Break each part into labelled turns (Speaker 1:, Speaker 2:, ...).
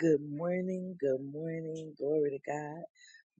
Speaker 1: Good morning, good morning, glory to God.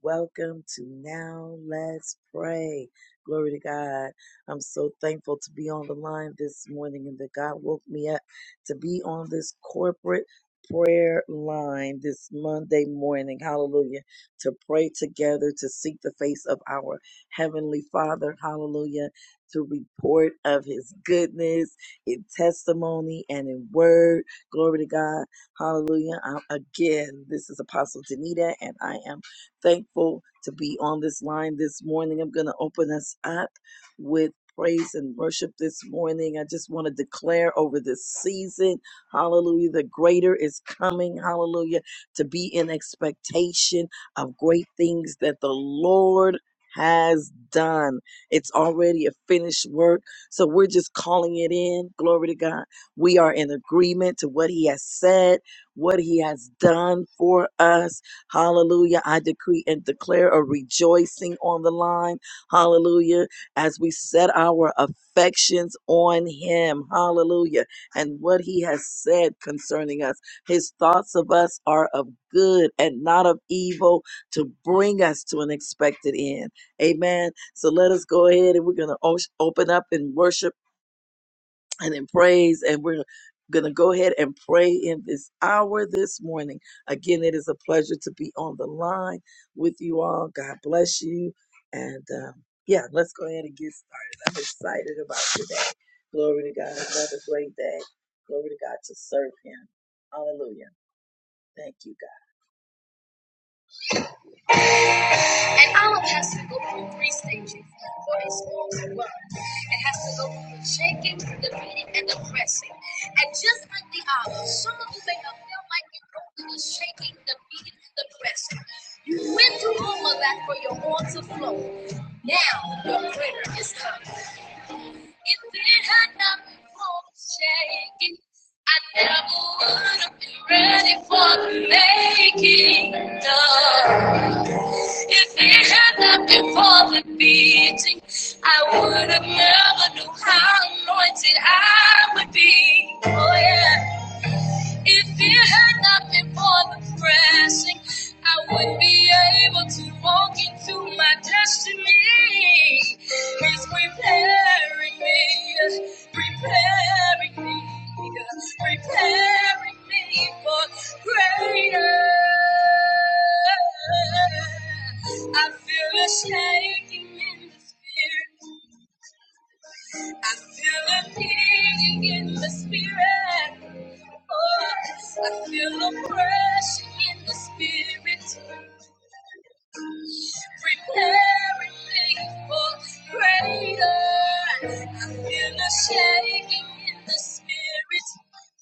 Speaker 1: Welcome to Now Let's Pray. Glory to God. I'm so thankful to be on the line this morning and that God woke me up to be on this corporate prayer line this Monday morning. Hallelujah. To pray together, to seek the face of our Heavenly Father. Hallelujah. To report of His goodness in testimony and in word. Glory to God Hallelujah. I, again, this is Apostle Danita, and I am thankful to be on this line this morning. I'm going to open us up with praise and worship this morning. I just want to declare over this season, hallelujah, the greater is coming, hallelujah, to be in expectation of great things that the Lord has done. It's already a finished work. So we're just calling it in. Glory to God. We are in agreement to what he has said what he has done for us. Hallelujah. I decree and declare a rejoicing on the line. Hallelujah. As we set our affections on him. Hallelujah. And what he has said concerning us. His thoughts of us are of good and not of evil to bring us to an expected end. Amen. So let us go ahead and we're going to open up and worship and in praise. And we're going to go ahead and pray in this hour this morning. Again, it is a pleasure to be on the line with you all. God bless you. And um, yeah, let's go ahead and get started. I'm excited about today. Glory to God. Another great day. Glory to God to serve Him. Hallelujah. Thank you. An olive has to go through three stages for its oil to run. It has to go through the shaking, the beating, and the pressing. And just like the olive, some of you may have felt like you go through the shaking, the beating, and the pressing. You went through all of that for your oil to flow. Now your prayer is coming. If it had not been for the shaking, I never would have been ready for the making. No. If it had not been for the beating, I would have never knew how anointed I would be. Oh yeah. If it had not been for the pressing, I would be able to walk into my destiny. He's preparing me, preparing me, preparing me for greater. I feel a shaking in the spirit. I feel a ping in the spirit. Oh, I feel a pressure in the spirit. Preparing me for greater. I feel a shaking in the spirit.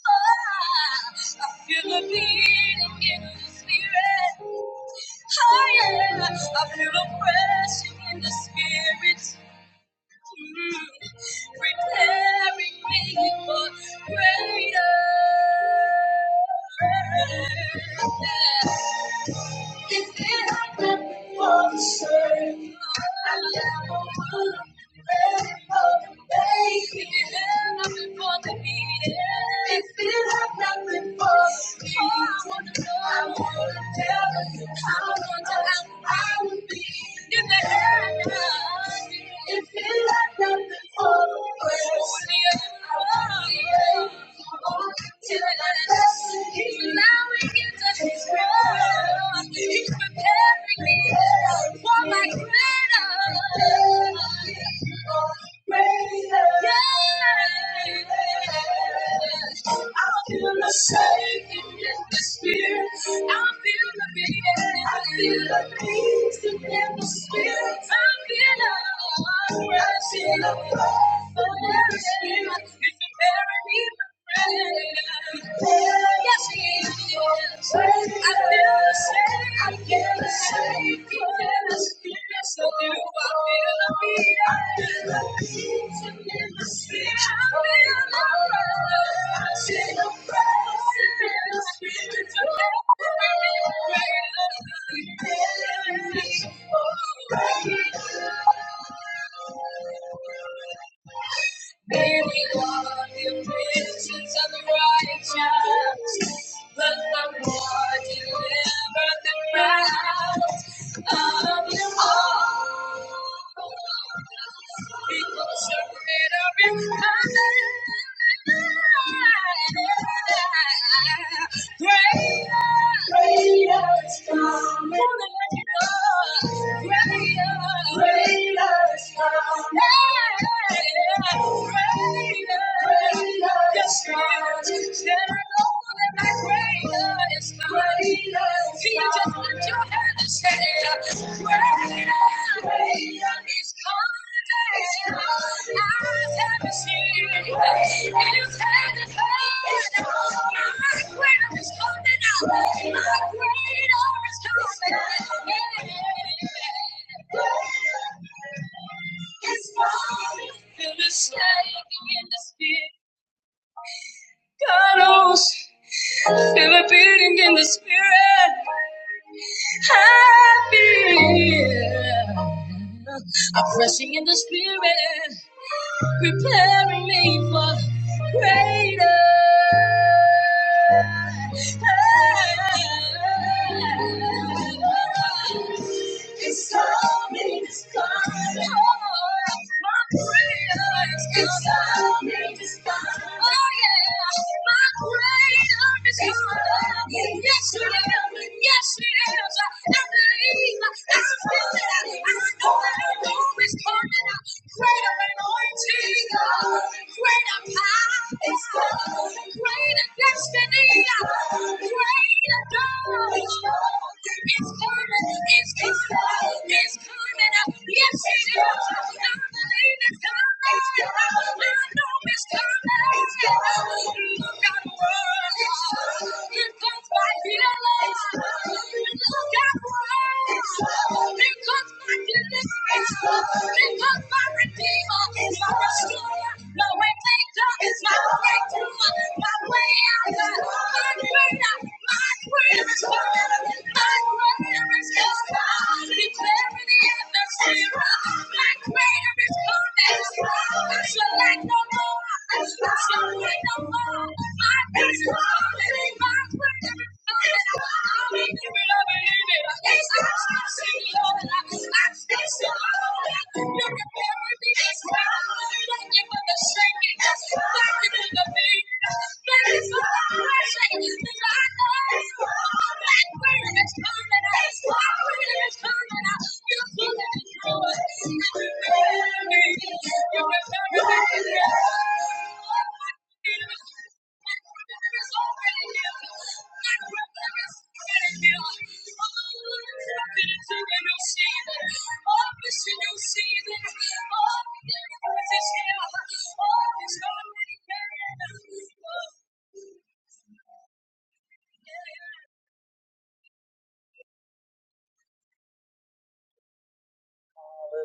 Speaker 1: Oh, I feel a beating in the spirit. Oh, yeah. I feel a pressure in the spirit preparing me for greater. If it had been for the shame, I never would have been a baby. If it if it had not been for the beating, I would have never knew I would be. If it had if it had not been for the press, I would be. Till I allowing you to strong. He's preparing me for my greater. Yes. I feel the shaking in the spirit. I feel the beating. I feel the peace in the spirit. I feel the I feel the breath of the spirit. It's preparing me. Yes, he is. I feel the same. I feel the same. He Yes, I do. I feel the beat. I feel the beat. And in the spirit, I feel the breath. I feel the breath. In the spirit, I feel the breath. Oh, breath. There we the in bridges the righteous, but the Lord delivered them out of them all. Because your greater is coming. Greater is coming. Greater is coming. Greater is coming. It's fine. Feel the shaking in the spirit. Cuddles, feel a beating in the spirit. I feel a pressing in the spirit, preparing me for greater. It's coming, it's coming. Oh, my prayer is coming. It's coming, it's coming. Oh, yeah. My greater is coming. Yes, it is. Yes, it is. I believe. I feel that I know that it's coming. Greater and greater, greater power is coming. Greater destiny, greater goal is coming. It's coming. It's coming. It's coming. Yes, it is. I believe. I know it's coming. Declare it is coming. Shall lack no more. Thank you. Yeah.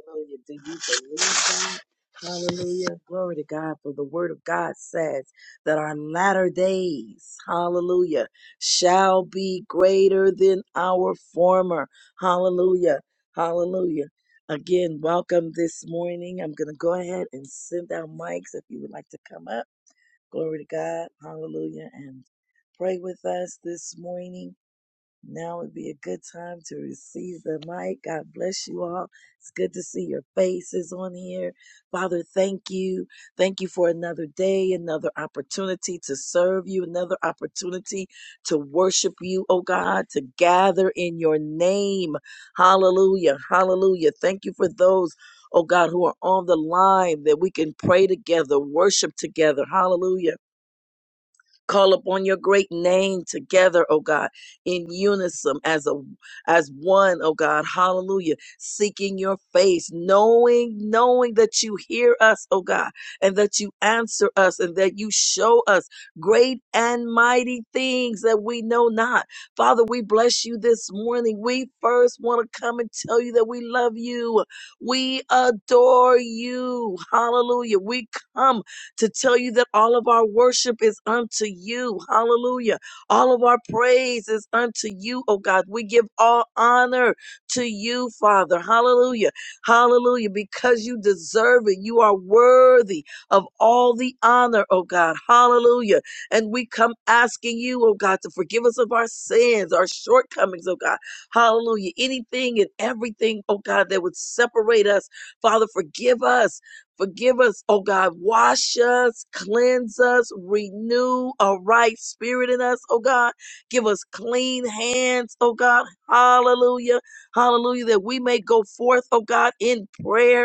Speaker 1: Hallelujah. Do you believe that? Hallelujah. Glory to God. For the word of God says that our latter days, hallelujah, shall be greater than our former. Hallelujah. Hallelujah. Again, welcome this morning. I'm going to go ahead and send out mics if you would like to come up. Glory to God. Hallelujah. And pray with us this morning. Now would be a good time to receive the mic. God bless you all. It's good to see your faces on here. Father, thank you. Thank you for another day, another opportunity to serve you, another opportunity to worship you, oh God, to gather in your name. Hallelujah. Hallelujah. Thank you for those. Oh God, who are on the line that we can pray together, worship together. Hallelujah Call upon your great name together, oh God, in unison as a as one, oh God. Hallelujah. Seeking your face, knowing, knowing that you hear us, oh God, and that you answer us and that you show us great and mighty things that we know not. Father, we bless you this morning. We first want to come and tell you that we love you. We adore you. Hallelujah. We come to tell you that all of our worship is unto you. Hallelujah. All of our praise is unto you, oh God. We give all honor to you, Father. Hallelujah. Hallelujah. Because you deserve it. You are worthy of all the honor, oh God. Hallelujah. And we come asking you, oh God, to forgive us of our sins, our shortcomings, oh God. Hallelujah. Anything and everything, oh God, that would separate us, Father, forgive us. Forgive us, oh God. Wash us, cleanse us, renew a right spirit in us, oh God. Give us clean hands, oh God. Hallelujah. Hallelujah. That we may go forth, oh God, in prayer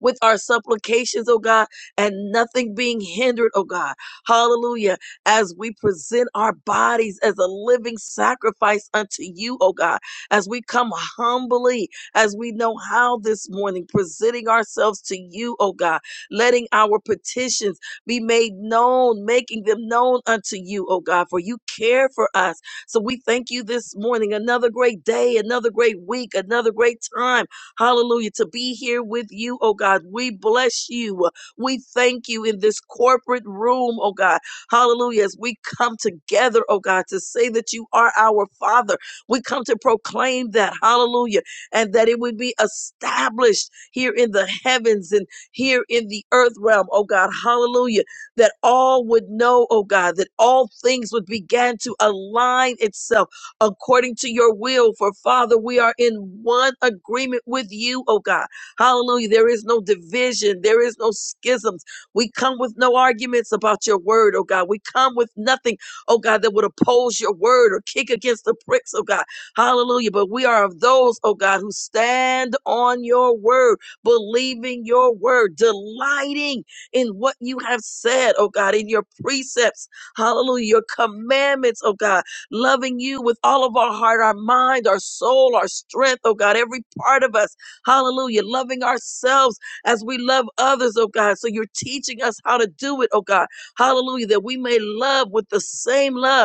Speaker 1: with our supplications, oh God, and nothing being hindered, oh God. Hallelujah. As we present our bodies as a living sacrifice unto you, oh God, as we come humbly, as we know how this morning, presenting ourselves to you, oh God, letting our petitions be made known, making them known unto you, oh God, for you care for us. So we thank you this morning. Another great day, another great week, another great time Hallelujah. To be here with you, oh God. We bless you. We thank you in this corporate room, oh God. Hallelujah. As we come together, oh God, to say that you are our Father, we come to proclaim that. Hallelujah. And that it would be established here in the heavens and here in the earth realm, oh God. Hallelujah. That all would know, oh God, that all things would begin to align itself according to your will. For Father, we are in one agreement with you, oh God. Hallelujah. There is no division, there is no schisms. We come with no arguments about your word, oh God. We come with nothing, oh God, that would oppose your word or kick against the pricks, oh God. Hallelujah. But we are of those, oh God, who stand on your word, believing your word, delighting in what you have said, oh God, in your precepts. Hallelujah. Your commandments, oh God loving you with all of our heart, our mind, our soul, our strength, oh God, every part of us. Hallelujah. Loving ourselves as we love others, oh God. So you're teaching us how to do it, oh God. Hallelujah. That we may love with the same love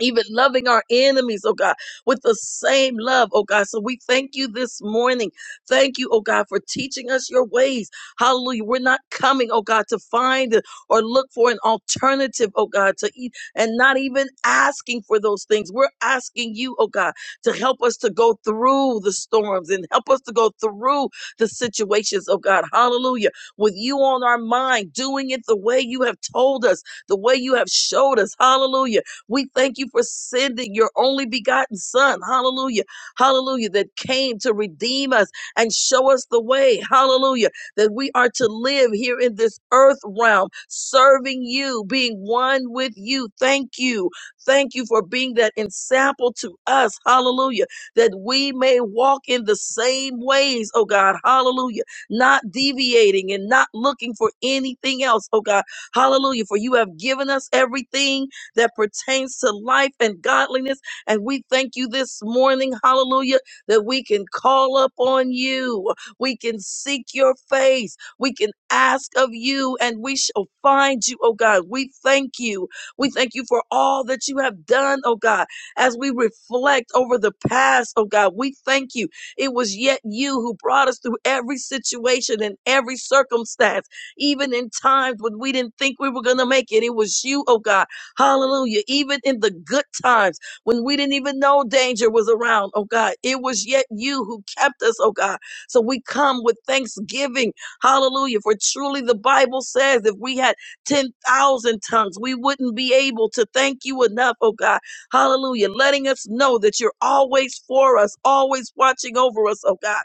Speaker 1: even loving our enemies, oh God, with the same love, oh God. So we thank you this morning. Thank you, oh God, for teaching us your ways. Hallelujah. We're not coming, oh God, to find or look for an alternative, oh God, to eat and not even asking for those things. We're asking you, oh God, to help us to go through the storms and help us to go through the situations, oh God. Hallelujah. With you on our mind, doing it the way you have told us, the way you have showed us. Hallelujah we thank you for sending your only begotten Son. Hallelujah. Hallelujah. That came to redeem us and show us the way. Hallelujah. That we are to live here in this earth realm, serving you, being one with you. Thank you. Thank you for being that example to us. Hallelujah. That we may walk in the same ways, oh God. Hallelujah. Not deviating and not looking for anything else, oh God. Hallelujah. For you have given us everything that pertains to life and godliness. And we thank you this morning, hallelujah, that we can call up on you. We can seek your face. We can ask of you and we shall find you, oh God. We thank you. We thank you for all that you have done, oh God. As we reflect over the past, oh God, we thank you. It was yet you who brought us through every situation and every circumstance, even in times when we didn't think we were going to make it. It was you, oh God Hallelujah. Even in the good times when we didn't even know danger was around, oh God, it was yet you who kept us, oh God. So we come with thanksgiving. Hallelujah. For truly the Bible says if we had 10,000 tongues, we wouldn't be able to thank you enough, oh God. Hallelujah. Letting us know that you're always for us, always watching over us, oh God.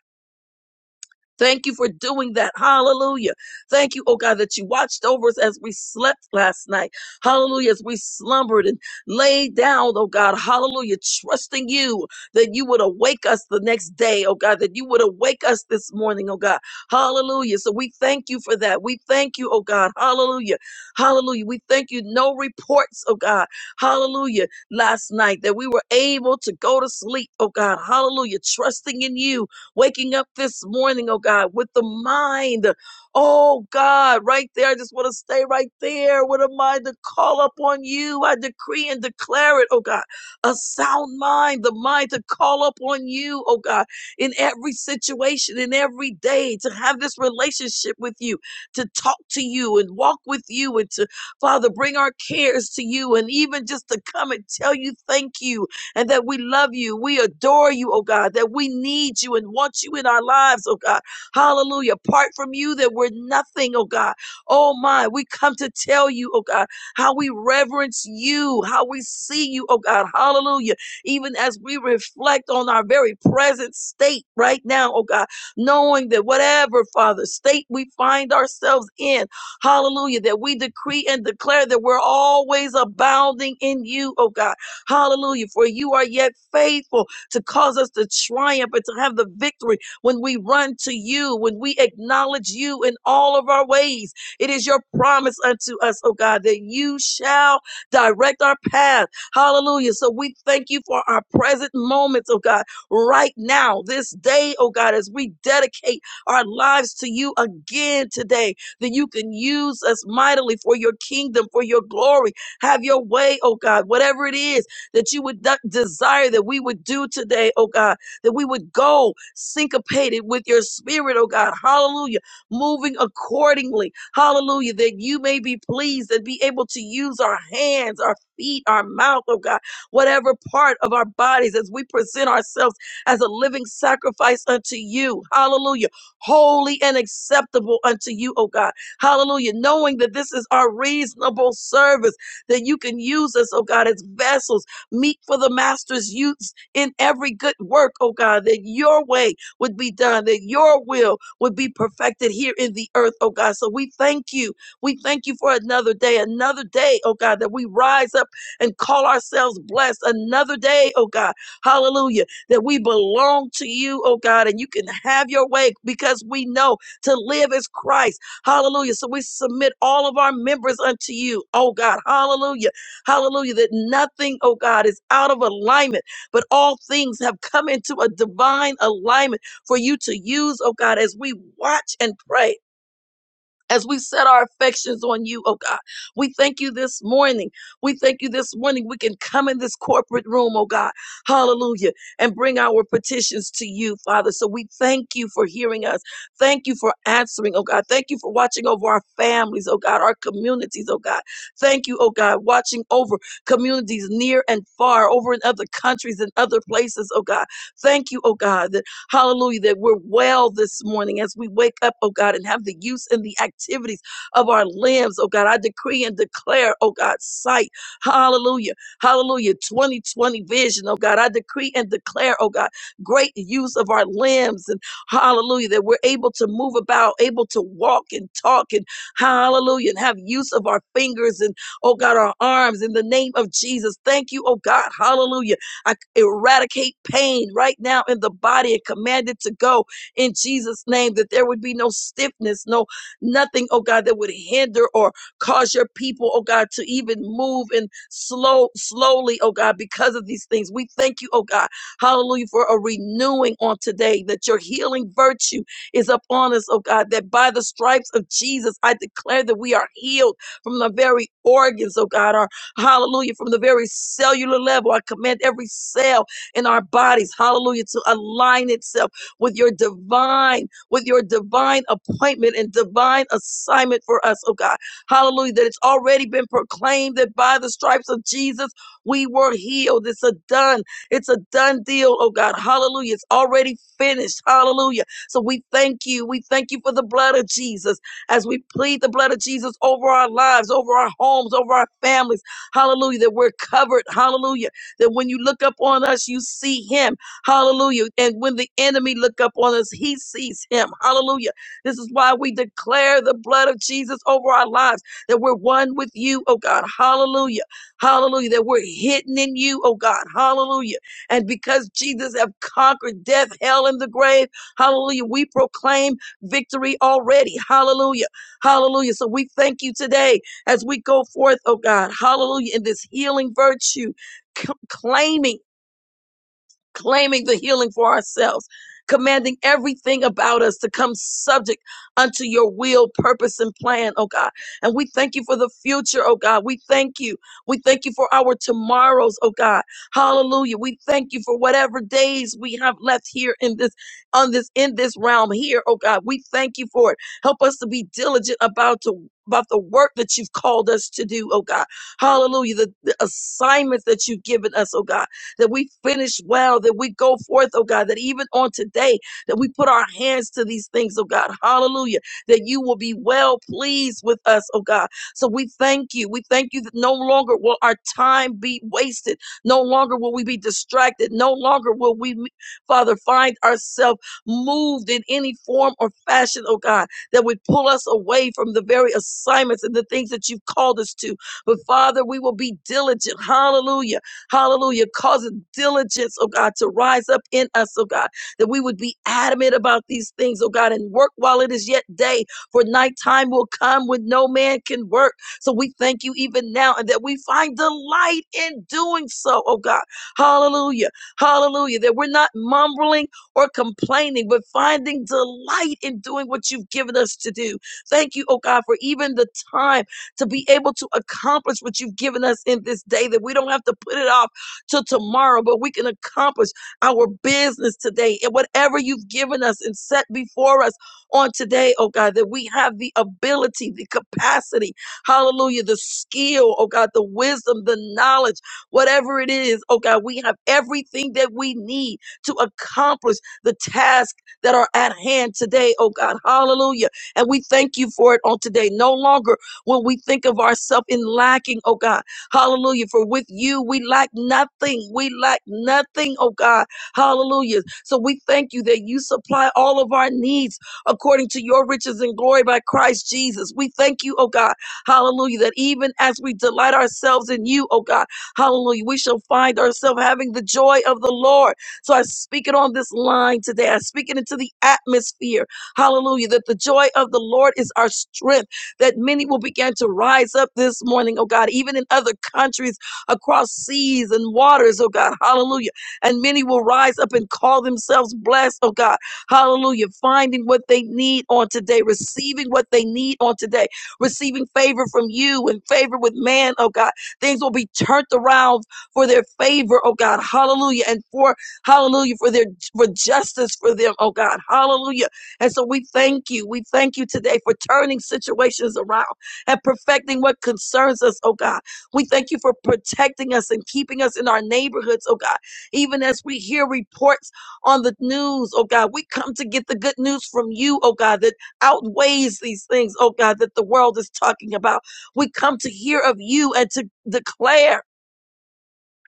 Speaker 1: Thank you for doing that. Hallelujah. Thank you, oh God, that you watched over us as we slept last night. Hallelujah. As we slumbered and laid down, oh God. Hallelujah. Trusting you that you would awake us the next day, oh God, that you would awake us this morning, oh God. Hallelujah. So we thank you for that. We thank you, oh God. Hallelujah. Hallelujah. We thank you. No reports, oh God. Hallelujah. Last night that we were able to go to sleep, oh God. Hallelujah. Trusting in you Waking up this morning, oh God, with the mind. Oh God, right there. I just want to stay right there. What am I to call upon you? I decree and declare it, oh God. A sound mind, the mind to call upon you, oh God, in every situation, in every day, to have this relationship with you, to talk to you and walk with you and to, Father, bring our cares to you and even just to come and tell you thank you and that we love you. We adore you, oh God, that we need you and want you in our lives, oh God. Hallelujah. Apart from you, that we're nothing, oh God. Oh my, we come to tell you, oh God, how we reverence you, how we see you, oh God. Hallelujah. Even as we reflect on our very present state right now, oh God, knowing that whatever, Father, state we find ourselves in, hallelujah, that we decree and declare that we're always abounding in you, oh God Hallelujah. For you are yet faithful to cause us to triumph and to have the victory when we run to you, when we acknowledge you in all of our ways. It is your promise unto us, oh God, that you shall direct our path. Hallelujah. So we thank you for our present moments, oh God, right now, this day, oh God, as we dedicate our lives to you again today, that you can use us mightily for your kingdom, for your glory. Have your way, oh God, whatever it is that you would de- desire that we would do today, oh God, that we would go syncopated with your spirit, oh God. Hallelujah. Moving accordingly. Hallelujah. That you may be pleased and be able to use our hands, our feet, our mouth, oh God, whatever part of our bodies as we present ourselves as a living sacrifice unto you. Hallelujah. Holy and acceptable unto you, oh God. Hallelujah. Knowing that this is our reasonable service, that you can use us, oh God, as vessels meet for the master's use in every good work, oh God, that your way would be done, that your will would be perfected here in the earth, oh God. So we thank you. We thank you for another day, another day, oh God, that we rise up and call ourselves blessed, another day, oh God. Hallelujah. That we belong to you, oh God, and you can have your way because we know to live is Christ. Hallelujah. So we submit all of our members unto you, oh God. Hallelujah Hallelujah. That nothing, oh God, is out of alignment, but all things have come into a divine alignment for you to use, oh God, as we watch and pray as we set our affections on you, oh God. We thank you this morning. We thank you this morning. We can come in this corporate room, oh God, hallelujah, and bring our petitions to you, Father. So we thank you for hearing us. Thank you for answering, oh God. Thank you for watching over our families, oh God, our communities, oh God. Thank you, oh God, watching over communities near and far, over in other countries and other places, oh God. Thank you, oh God. Hallelujah, that we're well this morning as we wake up, oh God, and have the use and the activities of our limbs, oh God. I decree and declare, oh God, sight. Hallelujah. Hallelujah. 2020 vision, oh God. I decree and declare, oh God, great use of our limbs and hallelujah, that we're able to move about, able to walk and talk and hallelujah, and have use of our fingers and oh God, our arms in the name of Jesus. Thank you, oh God. Hallelujah I eradicate pain right now in the body and command it to go in Jesus' name, that there would be no stiffness, no nothing, oh God, that would hinder or cause your people, oh God, to even move and slow, slowly, oh God, because of these things. We thank you, oh God, hallelujah, for a renewing on today, that your healing virtue is upon us, oh God, that by the stripes of Jesus, I declare that we are healed from the very organs, oh God, our. Hallelujah. From the very cellular level, I command every cell in our bodies, hallelujah, to align itself with your divine, with your divine appointment and divine assignment for us, oh God. Hallelujah. That it's already been proclaimed that by the stripes of Jesus, we were healed. It's a done, it's a done deal, oh God. Hallelujah. It's already finished. Hallelujah. So we thank you. We thank you for the blood of Jesus as we plead the blood of Jesus over our lives, over our homes, over our families. Hallelujah. That we're covered. Hallelujah. That when you look up on us, you see him. Hallelujah. And when the enemy look up on us, he sees him. Hallelujah. This is why we declare the blood of Jesus over our lives, that we're one with you, oh God. Hallelujah. Hallelujah. That we're hidden in you, oh God. Hallelujah. And because Jesus have conquered death, hell, and the grave, hallelujah, we proclaim victory already. Hallelujah. Hallelujah. So we thank you today as we go forth, oh God, hallelujah, in this healing virtue, c- claiming claiming the healing for ourselves, commanding everything about us to come subject unto your will, purpose, and plan, oh God. And we thank you for the future, oh God. We thank you. We thank you for our tomorrows, oh God. Hallelujah. We thank you for whatever days we have left here in this, on this, in this realm here, oh God. We thank you for it. Help us to be diligent about to about the work that you've called us to do, oh God. Hallelujah. The, the assignments that you've given us, oh God that we finish well, that we go forth, oh God, that even on today, that we put our hands to these things, oh God, hallelujah, that you will be well pleased with us, oh God. So we thank you. We thank you that no longer will our time be wasted. No longer will we be distracted. No longer will we, Father, find ourselves moved in any form or fashion, oh God, that would pull us away from the very assignments and the things that you've called us to. But Father, we will be diligent, hallelujah, Hallelujah. Causes diligence, oh God, to rise up in us, oh God, that we would be adamant about these things, oh God, and work while it is yet day. For nighttime will come when no man can work. So we thank you even now and that we find delight in doing so, oh God. Hallelujah. Hallelujah. That we're not mumbling or complaining, but finding delight in doing what you've given us to do. Thank you, oh God, for even the time to be able to accomplish what you've given us in this day, that we don't have to put it off till tomorrow, but we can accomplish our business today and whatever you've given us and set before us on today, oh God, that we have the ability, the capacity, hallelujah, the skill, oh God, the wisdom, the knowledge, whatever it is, oh God, we have everything that we need to accomplish the task that are at hand today, oh God, hallelujah. And we thank you for it on today. No longer when we think of ourselves in lacking, oh God. Hallelujah. For with you, we lack nothing. We lack nothing, oh God. Hallelujah. So we thank you that you supply all of our needs according to your riches and glory by Christ Jesus. We thank you, oh God. Hallelujah. That even as we delight ourselves in you, oh God, hallelujah, we shall find ourselves having the joy of the Lord. So I speak it on this line today. I speak it into the atmosphere. Hallelujah. That the joy of the Lord is our strength that many will begin to rise up this morning, oh God, even in other countries across seas and waters, oh God, hallelujah. And many will rise up and call themselves blessed, oh God, hallelujah, finding what they need on today, receiving what they need on today, receiving favor from you and favor with man, oh God. Things will be turned around for their favor, oh God, hallelujah, and for hallelujah, for their for justice for them, oh God, hallelujah. And so we thank you. We thank you today for turning situations around and perfecting what concerns us, oh God. We thank you for protecting us and keeping us in our neighborhoods, oh God. Even as we hear reports on the news, oh God, we come to get the good news from you, oh God, that outweighs these things, oh God, that the world is talking about. We come to hear of you and to declare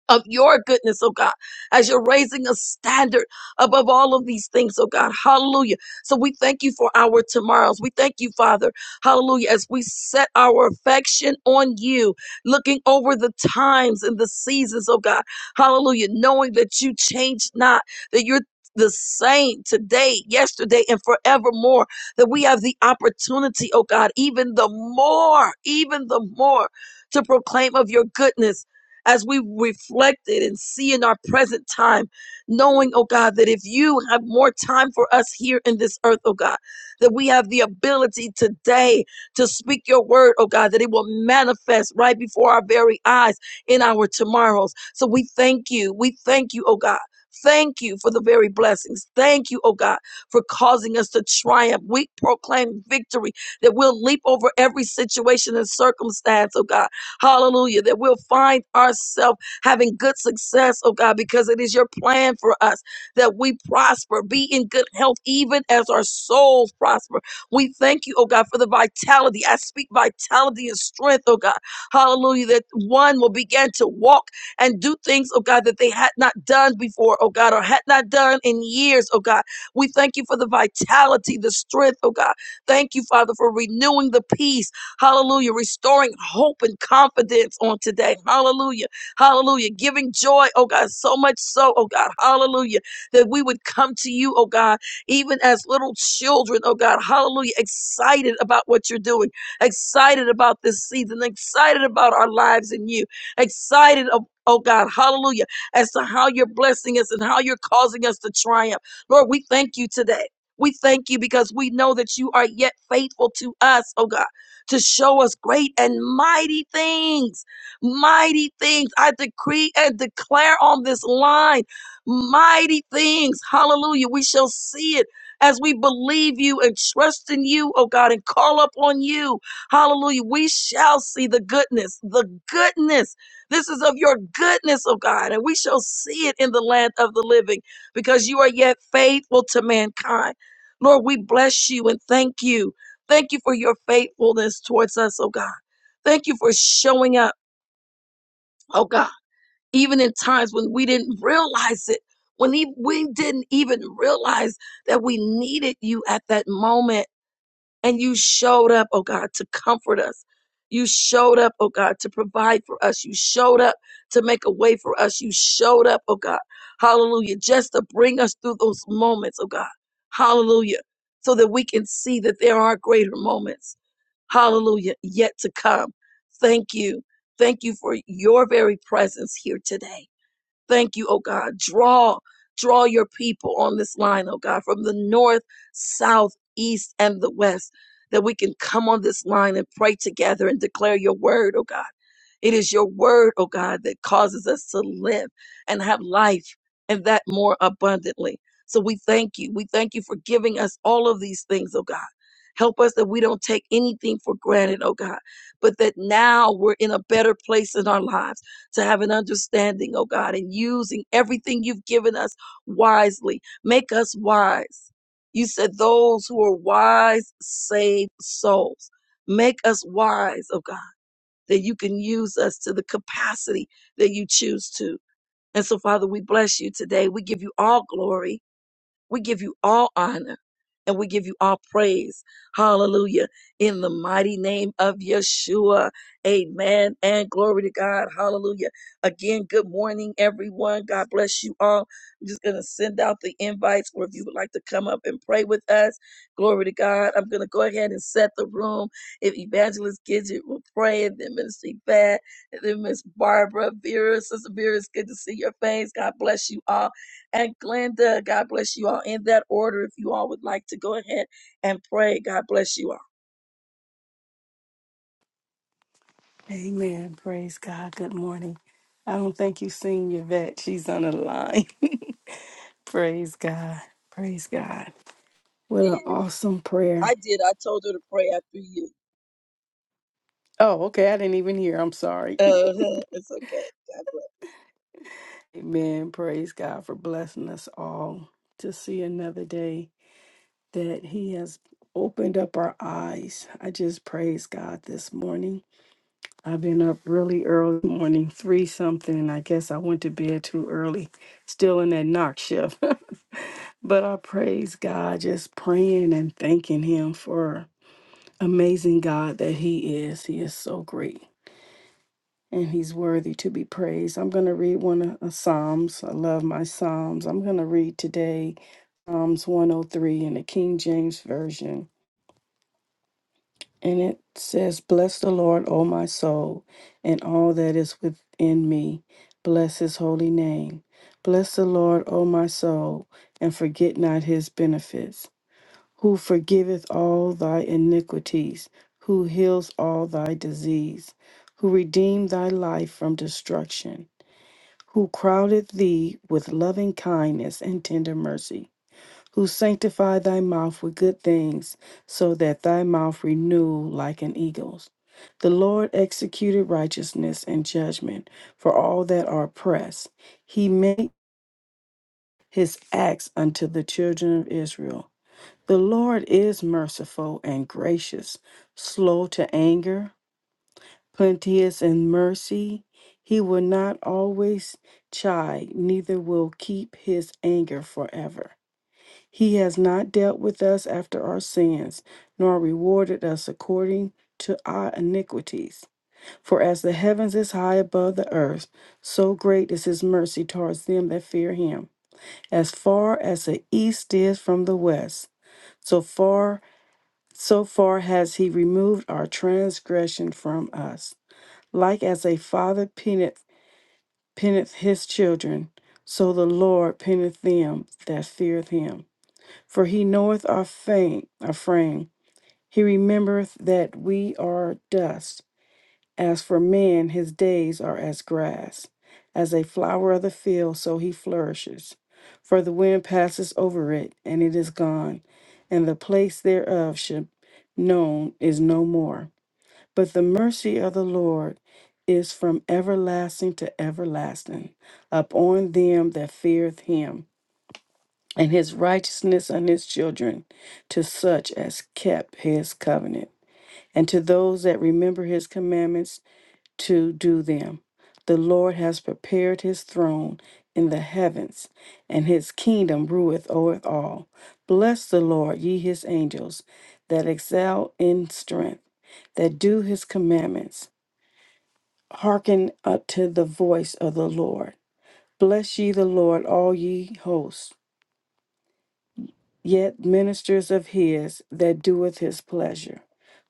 Speaker 1: of your goodness, oh God, as you're raising a standard above all of these things, oh God. Hallelujah. So we thank you for our tomorrows. We thank you, Father. Hallelujah. As we set our affection on you, looking over the times and the seasons, oh God. Hallelujah. Knowing that you change not, that you're the same today, yesterday, and forevermore, that we have the opportunity, oh God, even the more, even the more to proclaim of your goodness as we reflected and see in our present time, knowing, oh God, that if you have more time for us here in this earth, oh God, that we have the ability today to speak your word, oh God, that it will manifest right before our very eyes in our tomorrows. So we thank you. We thank you, oh God. Thank you for the very blessings. Thank you, oh God, for causing us to triumph. We proclaim victory that we'll leap over every situation and circumstance, oh God Hallelujah. That we'll find ourselves having good success, oh God, because it is your plan for us that we prosper, be in good health, even as our souls prosper. We thank you, oh God, for the vitality. I speak vitality and strength, oh God. Hallelujah. That one will begin to walk and do things, oh God, that they had not done before, oh God, or had not done in years, oh God. We thank you for the vitality, the strength, oh God. Thank you, Father, for renewing the peace. Hallelujah. Restoring hope and confidence on today. Hallelujah. Hallelujah. Giving joy, oh God, so much so, oh God. Hallelujah. That we would come to you, oh God, even as little children, oh God. Hallelujah. Excited about what you're doing, excited about this season, excited about our lives in you, excited of Oh God, hallelujah, as to how you're blessing us and how you're causing us to triumph. Lord, we thank you today. We thank you because we know that you are yet faithful to us, oh God to show us great and mighty things. Mighty things. I decree and declare on this line mighty things. Hallelujah. We shall see it as we believe you and trust in you, oh God, and call upon you. Hallelujah. We shall see the goodness, the goodness. This is of your goodness, oh God, and we shall see it in the land of the living because you are yet faithful to mankind. Lord, we bless you and thank you. Thank you for your faithfulness towards us, oh God. Thank you for showing up, oh God, even in times when we didn't realize it, when e- we didn't even realize that we needed you at that moment. And you showed up, oh God, to comfort us. You showed up, oh God, to provide for us. You showed up to make a way for us. You showed up, oh God. Hallelujah. Just to bring us through those moments, oh God. Hallelujah. So that we can see that there are greater moments Hallelujah. Yet to come. Thank you. Thank you for your very presence here today. Thank you, oh God. Draw, draw your people on this line, oh God, from the north, south, east, and the west, that we can come on this line and pray together and declare your word, oh God it is your word, oh God, that causes us to live and have life and that more abundantly. So we thank you. We thank you for giving us all of these things, oh God. Help us that we don't take anything for granted, oh God, but that now we're in a better place in our lives to have an understanding, oh God, and using everything you've given us wisely. Make us wise. You said those who are wise save souls. Make us wise, oh God that you can use us to the capacity that you choose to. And so, Father, we bless you today. We give you all glory. We give you all honor and we give you all praise. Hallelujah. In the mighty name of Yeshua. Amen. And glory to God. Hallelujah. Again, good morning, everyone. God bless you all. I'm just going to send out the invites or if you would like to come up and pray with us. Glory to God. I'm going to go ahead and set the room. If Evangelist Gidget will pray, and then Minister Pat, and then Miss Barbara Vera. Sister Vera, it's good to see your face. God bless you all. And Glenda, God bless you all. In that order, if you all would like to go ahead and pray, God bless you all.
Speaker 2: Amen. Praise God. Good morning. I don't think you've seen Yvette. She's on the line. Praise God. Praise God. What
Speaker 1: did.
Speaker 2: an awesome prayer.
Speaker 1: I did. I told her to pray after you.
Speaker 2: Oh, okay. I didn't even hear. I'm sorry.
Speaker 1: Uh, it's okay. God bless.
Speaker 2: Amen. Praise God for blessing us all to see another day that He has opened up our eyes. I just praise God this morning. I've been up really early morning, three something. and I guess I went to bed too early, still in that knock shift. But I praise God just praying and thanking Him for amazing God that He is. He is so great and He's worthy to be praised. I'm going to read one of of Psalms. I love my Psalms. I'm going to read today Psalms 103 in the King James Version. And it says, Bless the Lord, O my soul, and all that is within me. Bless His holy name. Bless the Lord, O my soul, and forget not His benefits who forgiveth all thy iniquities, who heals all thy disease, who redeemed thy life from destruction, who crowded thee with loving kindness and tender mercy, who sanctified thy mouth with good things, so that thy mouth renew like an eagle's. The Lord executed righteousness and judgment for all that are oppressed. He made his acts unto the children of Israel. The Lord is merciful and gracious, slow to anger, plenteous in mercy. He will not always chide, neither will keep his anger forever. He has not dealt with us after our sins, nor rewarded us according to our iniquities. For as the heavens is high above the earth, so great is his mercy towards them that fear him. As far as the east is from the west, so far so far has he removed our transgression from us. Like as a father penneth, penneth his children, so the Lord penneth them that feareth him. For he knoweth our fame, our frame. He remembereth that we are dust. As for man, his days are as grass. As a flower of the field, so he flourishes. For the wind passes over it, and it is gone, and the place thereof should known is no more. But the mercy of the Lord is from everlasting to everlasting upon them that feareth him, and his righteousness on his children, to such as kept his covenant, and to those that remember his commandments to do them. The Lord has prepared his throne in the heavens, and his kingdom ruleth over all. Bless the Lord, ye his angels, that excel in strength, that do his commandments Hearken unto the voice of the Lord. Bless ye the Lord, all ye hosts, yet ministers of his that doeth his pleasure.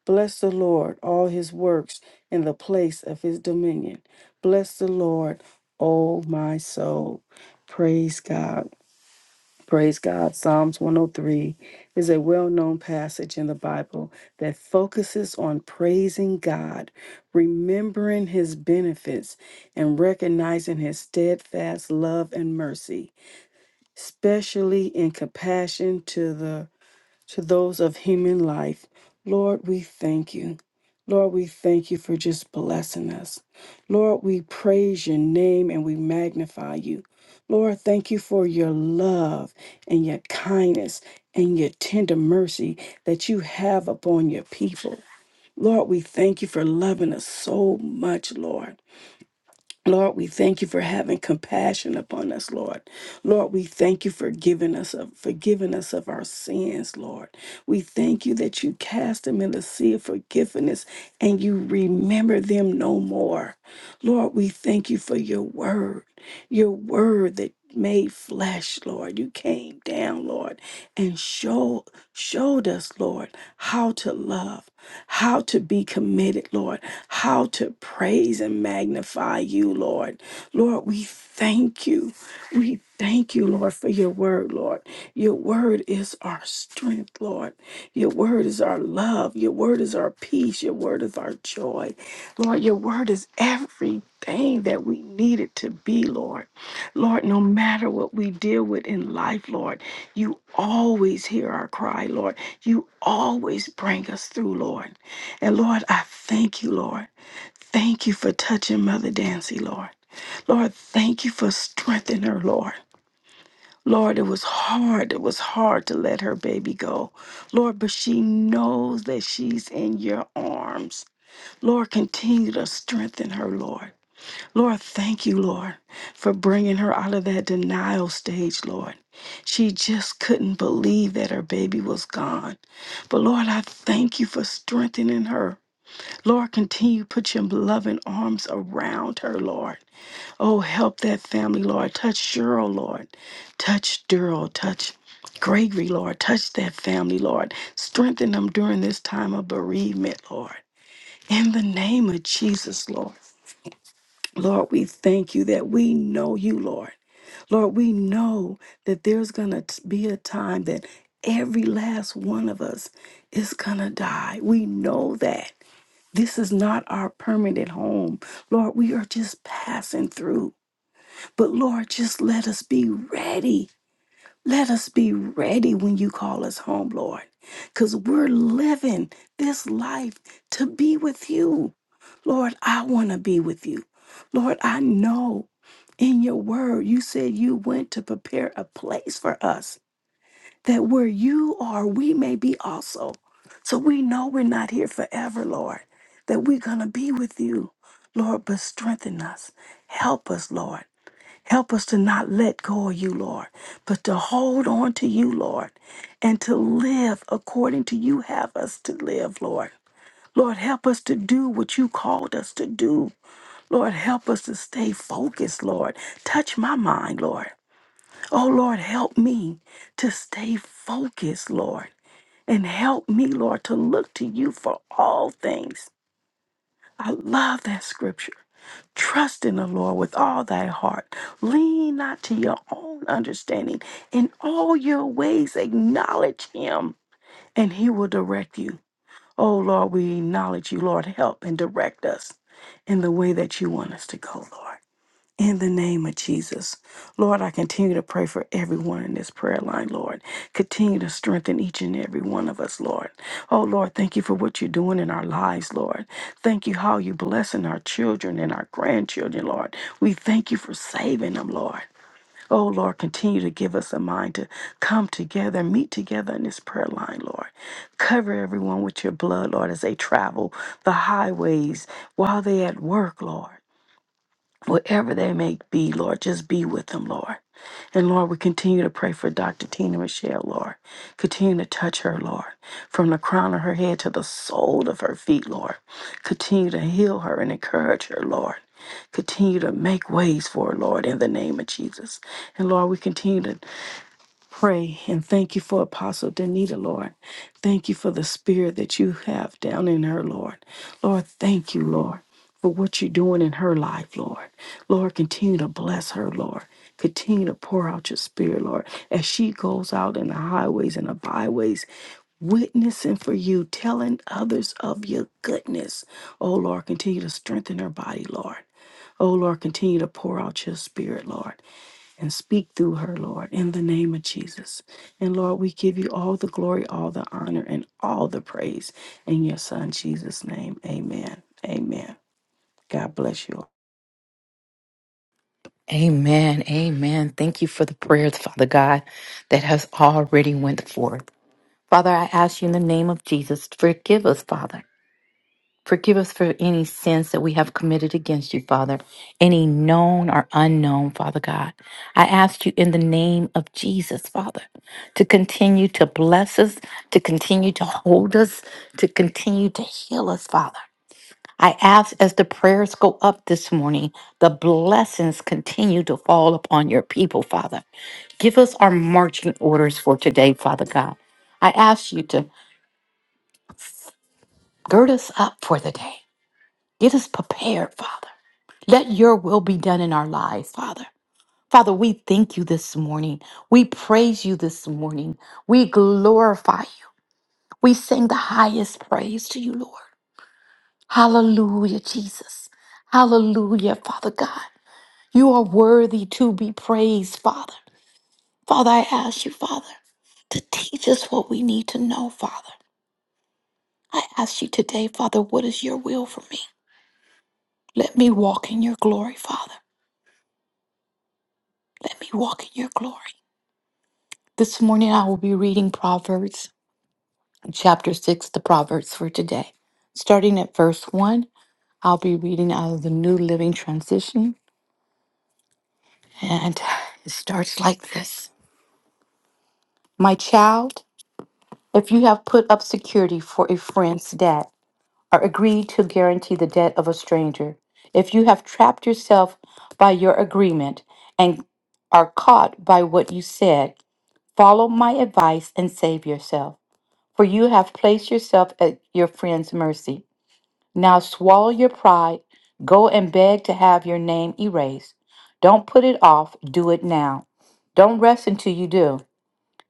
Speaker 2: Bless the Lord, all his works in the place of his dominion. Bless the Lord, O my soul. Praise God. Praise God. Psalms 103 is a well known passage in the Bible that focuses on praising God, remembering his benefits, and recognizing his steadfast love and mercy, especially in compassion to the to those of human life. Lord, we thank you. Lord, we thank you for just blessing us. Lord, we praise your name and we magnify you. Lord, thank you for your love and your kindness and your tender mercy that you have upon your people. Lord, we thank you for loving us so much, Lord. Lord, we thank you for having compassion upon us, Lord. Lord, we thank you for giving us of forgiving us of our sins, Lord. We thank you that you cast them in the sea of forgiveness and you remember them no more. Lord, we thank you for your word, your word that made flesh, Lord. You came down, Lord, and showed showed us, Lord, how to love, how to be committed, Lord, how to praise and magnify you, Lord. Lord, we thank you. We thank you, Lord, for your word, Lord. Your word is our strength, Lord. Your word is our love. Your word is our peace. Your word is our joy. Lord, your word is everything that we need it to be, Lord. Lord, no matter what we deal with in life, Lord, you always hear our cry, Lord. You always bring us through, Lord. And Lord, I thank you, Lord. Thank you for touching Mother Dancy, Lord. Lord, thank you for strengthening her, Lord. Lord, it was hard. It was hard to let her baby go. Lord, but she knows that she's in your arms. Lord, continue to strengthen her, Lord. Lord, thank you, Lord, for bringing her out of that denial stage, Lord. She just couldn't believe that her baby was gone. But Lord, I thank you for strengthening her. Lord, continue to put your loving arms around her, Lord. Oh, help that family, Lord. Touch Cheryl, Lord. Touch Daryl. Touch Gregory, Lord. Touch that family, Lord. Strengthen them during this time of bereavement, Lord. In the name of Jesus, Lord. Lord, we thank you that we know you, Lord. Lord, we know that there's going to be a time that every last one of us is going to die. We know that. This is not our permanent home. Lord, we are just passing through. But Lord, just let us be ready let us be ready when you call us home, Lord, because we're living this life to be with you. Lord, I want to be with you. Lord, I know in your word you said you went to prepare a place for us that where you are, we may be also. So we know we're not here forever, Lord, that we're going to be with you. Lord, but strengthen us. Help us, Lord. Help us to not let go of you, Lord, but to hold on to you, Lord, and to live according to you have us to live, Lord. Lord, help us to do what you called us to do. Lord, help us to stay focused, Lord. Touch my mind, Lord. Oh, Lord, help me to stay focused, Lord. And help me, Lord, to look to you for all things. I love that scripture. Trust in the Lord with all thy heart. Lean not to your own understanding. In all your ways, acknowledge him, and he will direct you. Oh, Lord, we acknowledge you. Lord, help and direct us in the way that you want us to go, Lord. In the name of Jesus. Lord, I continue to pray for everyone in this prayer line, Lord. Continue to strengthen each and every one of us, Lord. Oh, Lord, thank you for what you're doing in our lives, Lord. Thank you how you're blessing our children and our grandchildren, Lord. We thank you for saving them, Lord. Oh, Lord, continue to give us a mind to come together, meet together in this prayer line, Lord. Cover everyone with your blood, Lord, as they travel the highways while they're at work, Lord wherever they may be, Lord, just be with them, Lord. And Lord, we continue to pray for Dr. Tina Michelle, Lord. Continue to touch her, Lord, from the crown of her head to the sole of her feet, Lord. Continue to heal her and encourage her, Lord. Continue to make ways for her, Lord, in the name of Jesus. And Lord, we continue to pray and thank you for Apostle Danita, Lord. Thank you for the spirit that you have down in her, Lord. Lord, thank you, Lord, for what you're doing in her life, Lord. Lord, continue to bless her, Lord. Continue to pour out your spirit, Lord, as she goes out in the highways and the byways, witnessing for you, telling others of your goodness. Oh, Lord, continue to strengthen her body, Lord. Oh, Lord, continue to pour out your spirit, Lord and speak through her, Lord, in the name of Jesus. And Lord, we give you all the glory, all the honor, and all the praise in your Son, Jesus' name. Amen. Amen. God bless you all.
Speaker 3: Amen. Amen. Thank you for the prayers, Father God, that has already went forth. Father, I ask you in the name of Jesus, forgive us, Father. Forgive us for any sins that we have committed against you, Father, any known or unknown, Father God. I ask you in the name of Jesus, Father, to continue to bless us, to continue to hold us, to continue to heal us, Father. I ask as the prayers go up this morning, the blessings continue to fall upon your people, Father. Give us our marching orders for today, Father God. I ask you to gird us up for the day. Get us prepared, Father. Let your will be done in our lives, Father. Father, we thank you this morning. We praise you this morning. We glorify you. We sing the highest praise to you, Lord. Hallelujah, Jesus. Hallelujah, Father God. You are worthy to be praised, Father. Father, I ask you, Father, to teach us what we need to know, Father. I ask you today, Father, what is your will for me? Let me walk in your glory, Father. Let me walk in your glory. This morning I will be reading Proverbs chapter 6, the Proverbs for today. Starting at verse 1, I'll be reading out of the New Living Transition, and it starts like this My child, if you have put up security for a friend's debt, or agree to guarantee the debt of a stranger. If you have trapped yourself by your agreement and are caught by what you said, follow my advice and save yourself, for you have placed yourself at your friend's mercy. Now swallow your pride, go and beg to have your name erased. Don't put it off, do it now. Don't rest until you do.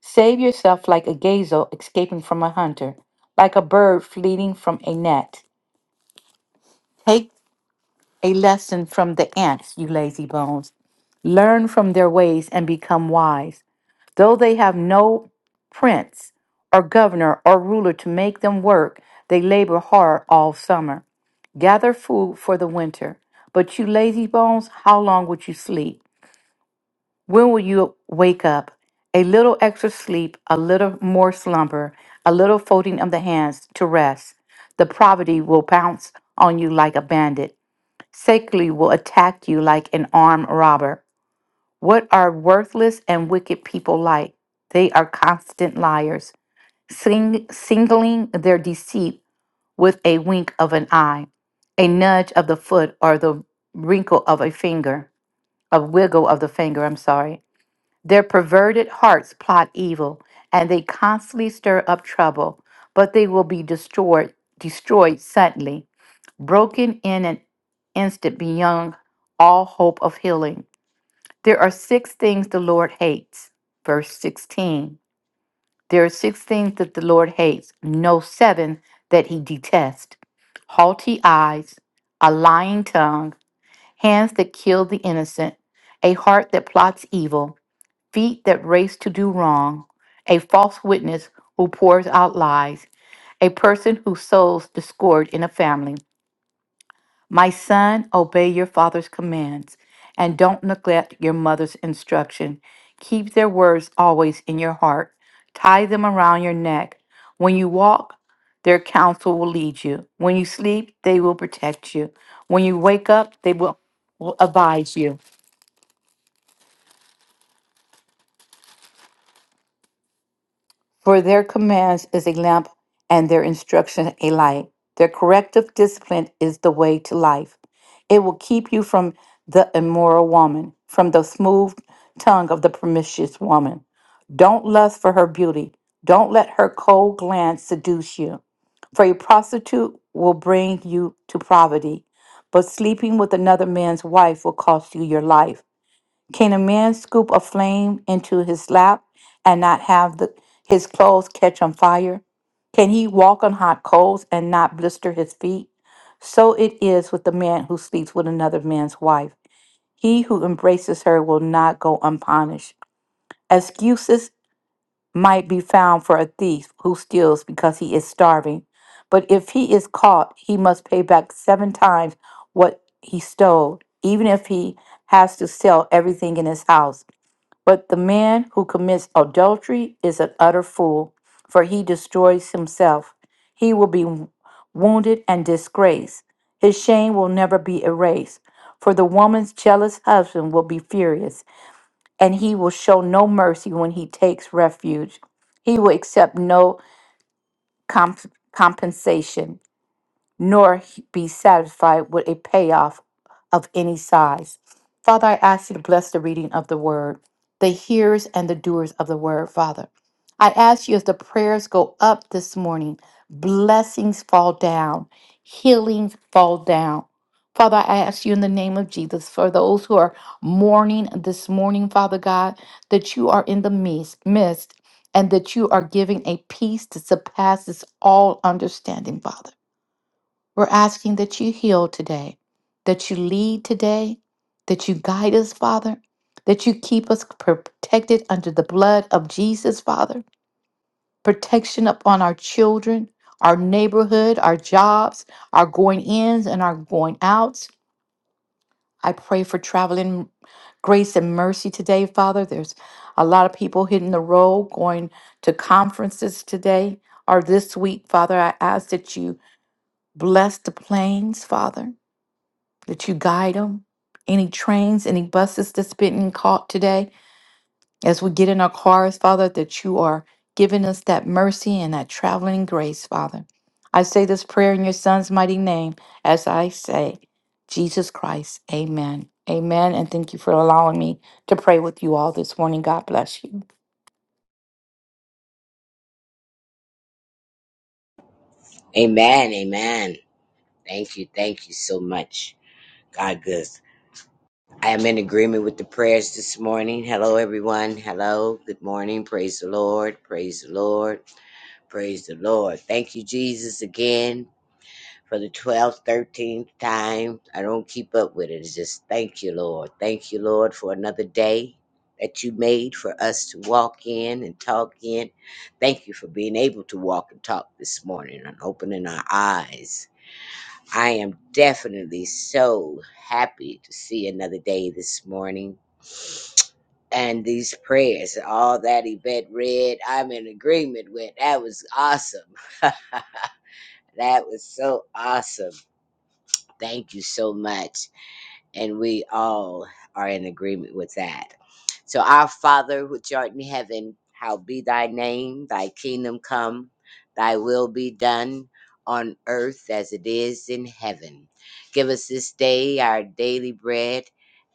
Speaker 3: Save yourself like a gazelle escaping from a hunter, like a bird fleeing from a net. Take. a lesson from the ants, you lazy bones. Learn from their ways and become wise. Though they have no prince or governor or ruler to make them work, they labor hard all summer. Gather food for the winter. But you lazy bones, how long would you sleep? When will you wake up? A little extra sleep, a little more slumber, a little folding of the hands to rest. The poverty will pounce on you like a bandit. Secondly, will attack you like an armed robber. What are worthless and wicked people like? They are constant liars, sing- singling their deceit with a wink of an eye, a nudge of the foot, or the wrinkle of a finger, a wiggle of the finger, I'm sorry. Their perverted hearts plot evil, and they constantly stir up trouble, but they will be destroyed, destroyed suddenly broken in an instant beyond all hope of healing. There are six things the Lord hates. Verse 16. There are six things that the Lord hates, no seven that he detests haughty eyes, a lying tongue, hands that kill the innocent, a heart that plots evil, feet that race to do wrong, a false witness who pours out lies, a person who sows discord in a family my son, obey your father's commands and don't neglect your mother's instruction. Keep their words always in your heart. Tie them around your neck. When you walk, their counsel will lead you. When you sleep, they will protect you. When you wake up, they will, will advise you. For their commands is a lamp and their instruction a light. Their corrective discipline is the way to life. It will keep you from the immoral woman, from the smooth tongue of the promiscuous woman. Don't lust for her beauty. Don't let her cold glance seduce you. For a prostitute will bring you to poverty, but sleeping with another man's wife will cost you your life. Can a man scoop a flame into his lap and not have the, his clothes catch on fire? Can he walk on hot coals and not blister his feet? So it is with the man who sleeps with another man's wife. He who embraces her will not go unpunished. Excuses might be found for a thief who steals because he is starving, but if he is caught, he must pay back seven times what he stole, even if he has to sell everything in his house. But the man who commits adultery is an utter fool, for he destroys himself. He will be wounded and disgraced. His shame will never be erased. For the woman's jealous husband will be furious, and he will show no mercy when he takes refuge. He will accept no comp- compensation nor be satisfied with a payoff of any size. Father, I ask you to bless the reading of the word, the hearers and the doers of the word, Father. I ask you as the prayers go up this morning, blessings fall down, healings fall down. Father, I ask you in the name of Jesus for those who are mourning this morning, Father God, that you are in the midst, midst and that you are giving a peace that surpasses all understanding, Father. We're asking that you heal today, that you lead today, that you guide us, Father, that you keep us protected under the blood of Jesus, Father. Protection upon our children, our neighborhood, our jobs, our going ins and our going outs. I pray for traveling grace and mercy today, Father. There's a lot of people hitting the road going to conferences today or this week, Father. I ask that you bless the planes, Father. that you guide them. Any trains, any buses that's been caught today, as we get in our cars, Father, that you are giving us that mercy and that traveling grace, Father. I say this prayer in your Son's mighty name, as I say, Jesus Christ, amen. Amen. And thank you for allowing me to pray with you all this morning. God bless you.
Speaker 4: Amen. Amen. Thank you. Thank you so much. God good. I am in agreement with the prayers this morning. Hello, everyone. Hello. Good morning. Praise the Lord. Praise the Lord. Praise the Lord. Thank you, Jesus, again for the 12th, 13th time. I don't keep up with it. It's just thank you, Lord. Thank you, Lord, for another day that you made for us to walk in and talk in. Thank you for being able to walk and talk this morning and opening our eyes. I am definitely so happy to see another day this morning. And these prayers, all that Yvette read, I'm in agreement with. That was awesome. That was so awesome. Thank you so much. And we all are in agreement with that. So, our Father, which art in heaven, hallowed be thy name, thy kingdom come, thy will be done on earth as it is in heaven. Give us this day our daily bread,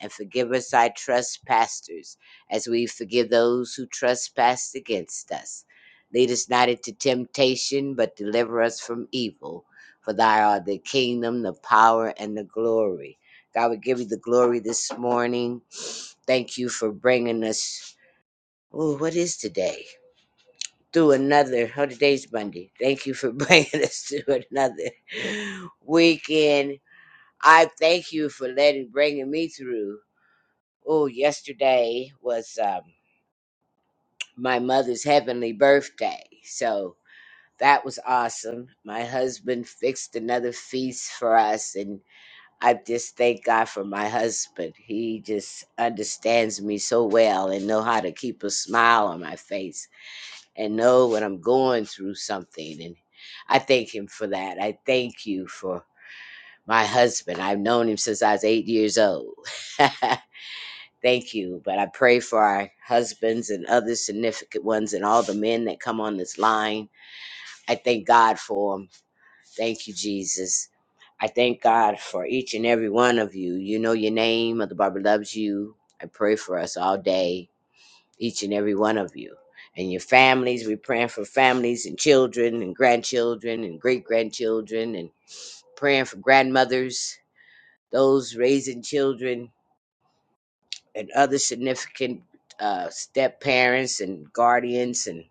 Speaker 4: and forgive us our trespasses, as we forgive those who trespass against us. Lead us not into temptation, but deliver us from evil. For thy art the kingdom, the power, and the glory God, we give you the glory this morning. Thank you for bringing us. Oh, what is today? Through another. Oh, today's Monday. Thank you for bringing us through another weekend. I thank you for letting bringing me through. Oh, yesterday was um, my mother's heavenly birthday, so that was awesome. My husband fixed another feast for us, and I just thank God for my husband. He just understands me so well and know how to keep a smile on my face and know when I'm going through something. And I thank him for that. I thank you for my husband. I've known him since I was eight years old. thank you. But I pray for our husbands and other significant ones and all the men that come on this line. I thank God for them. Thank you, Jesus. I thank God for each and every one of you. You know your name. Mother Barbara loves you. I pray for us all day, each and every one of you. And your families, we're praying for families and children and grandchildren and great grandchildren and praying for grandmothers, those raising children, and other significant uh, step parents and guardians and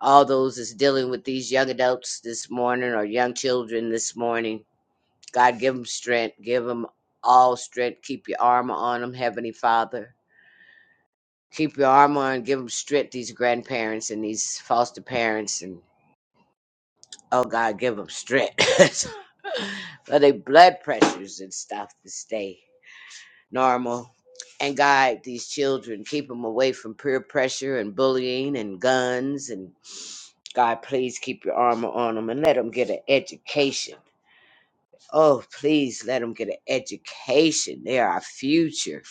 Speaker 4: all those that's dealing with these young adults this morning or young children this morning God, give them strength. Give them all strength. Keep your armor on them, Heavenly Father. Keep your armor on. Give them strength, these grandparents and these foster parents. And oh, God, give them strength for their blood pressures and stuff to stay normal. And guide these children. Keep them away from peer pressure and bullying and guns. And God, please keep your armor on them and let them get an education Oh, please let them get an education. They are our future.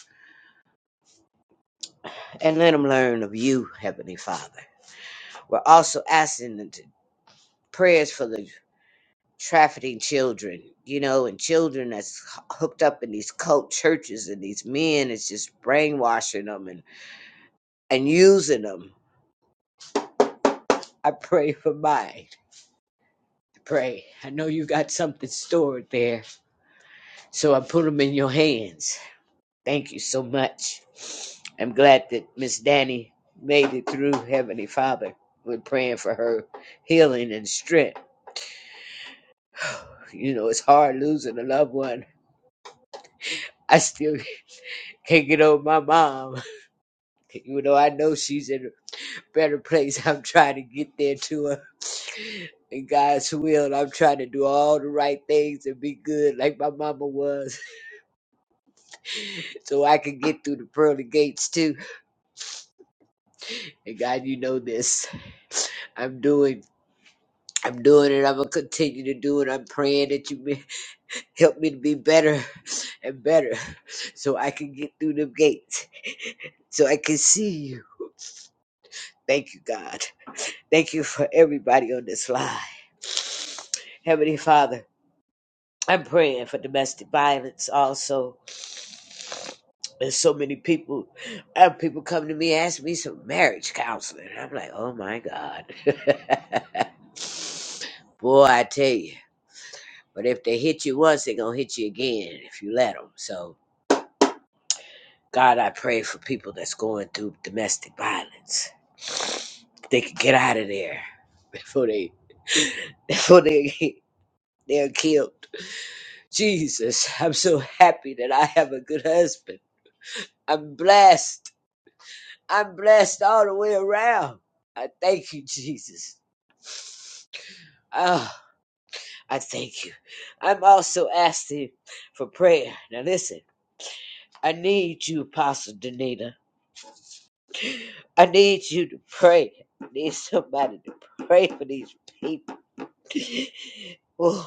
Speaker 4: And let them learn of you, Heavenly Father. We're also asking them to prayers for the trafficking children, you know, and children that's hooked up in these cult churches and these men is just brainwashing them and, and using them. I pray for mine. Pray. I know you got something stored there, so I put them in your hands. Thank you so much. I'm glad that Miss Danny made it through Heavenly Father. We're praying for her healing and strength. You know, it's hard losing a loved one. I still can't get over my mom. You know, I know she's in a better place. I'm trying to get there to her. In God's will, I'm trying to do all the right things and be good like my mama was so I can get through the pearly gates too. And God, you know this. I'm doing. I'm doing it. I'm gonna continue to do it. I'm praying that you may- help me to be better and better, so I can get through the gates, so I can see you. Thank you, God. Thank you for everybody on this line, Heavenly Father. I'm praying for domestic violence also. There's so many people, uh, people come to me ask me some marriage counseling. I'm like, oh my God, boy, I tell you. But if they hit you once, they're gonna hit you again if you let them. So. God, I pray for people that's going through domestic violence. They can get out of there before they before they they're killed. Jesus, I'm so happy that I have a good husband. I'm blessed. I'm blessed all the way around. I thank you, Jesus. Oh, I thank you. I'm also asking for prayer. Now listen, I need you, Apostle Danita. I need you to pray. I need somebody to pray for these people. Whew.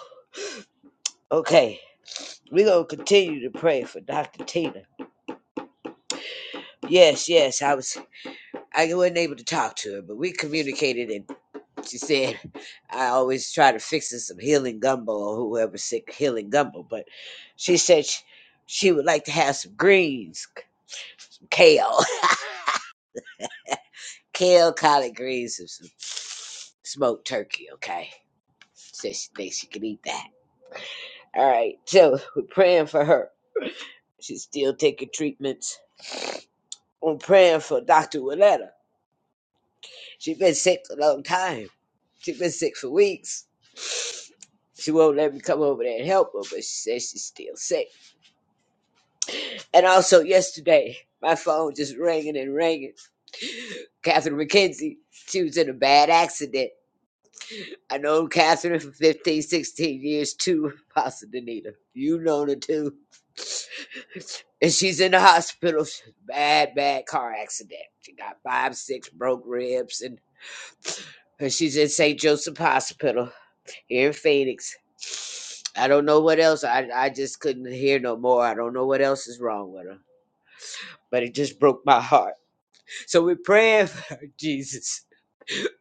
Speaker 4: okay, we're gonna continue to pray for Dr. Tina. Yes, yes, I was I wasn't able to talk to her, but we communicated and she said I always try to fix her some healing gumbo or whoever's sick healing gumbo, but she said she, she would like to have some greens, kale, kale, collard greens, and some smoked turkey, okay? Said she thinks she can eat that. All right, so we're praying for her. She's still taking treatments. We're praying for Dr. Willetta. She's been sick a long time. She's been sick for weeks. She won't let me come over there and help her, but she says she's still sick. And also yesterday, my phone just ringing and ringing. Catherine McKenzie, she was in a bad accident. I know Catherine for 15, 16 years too, Pastor Danita. You known her too. and she's in the hospital. She's Bad, bad car accident. She got five, six broke ribs, and, and she's in St. Joseph Hospital here in Phoenix. I don't know what else. I I just couldn't hear no more. I don't know what else is wrong with her, but it just broke my heart. So we're praying for her, Jesus.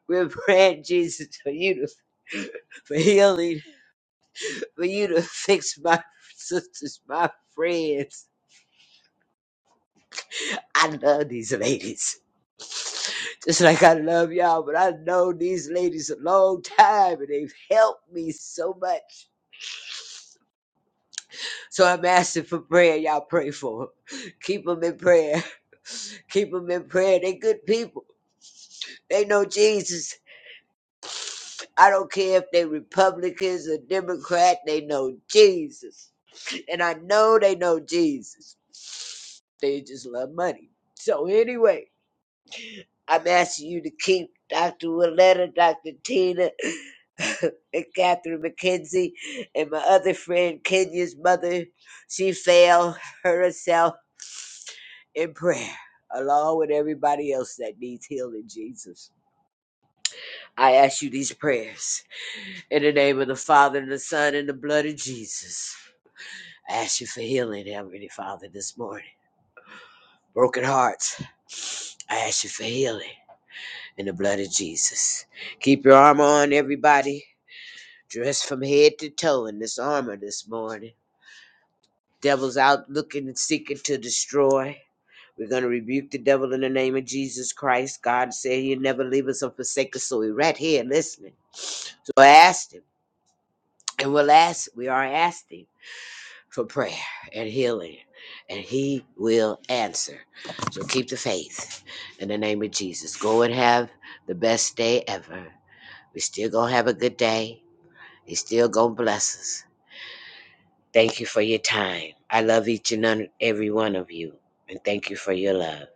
Speaker 4: We're praying, Jesus, for you to for healing, for you to fix my sisters, my friends. I love these ladies. Just like I love y'all, but I know these ladies a long time and they've helped me so much. So I'm asking for prayer. Y'all pray for them. Keep them in prayer. Keep them in prayer. They good people. They know Jesus. I don't care if they Republicans or Democrat. They know Jesus. And I know they know Jesus. They just love money. So anyway. I'm asking you to keep Dr. Willetta, Dr. Tina, and Catherine McKenzie, and my other friend Kenya's mother. She failed her herself in prayer, along with everybody else that needs healing, Jesus. I ask you these prayers in the name of the Father, and the Son, and the blood of Jesus. I ask you for healing, Heavenly Father, this morning. Broken hearts, I ask you for healing in the blood of Jesus. Keep your armor on, everybody. dressed from head to toe in this armor this morning. Devil's out looking and seeking to destroy. We're going to rebuke the devil in the name of Jesus Christ. God said he'll never leave us or forsake us, so we're right here listening. So I asked him, and we'll ask, we are asking for prayer and healing, and he will answer. So keep the faith in the name of Jesus. Go and have the best day ever. We still going to have a good day. He's still going to bless us. Thank you for your time. I love each and un- every one of you. And thank you for your love.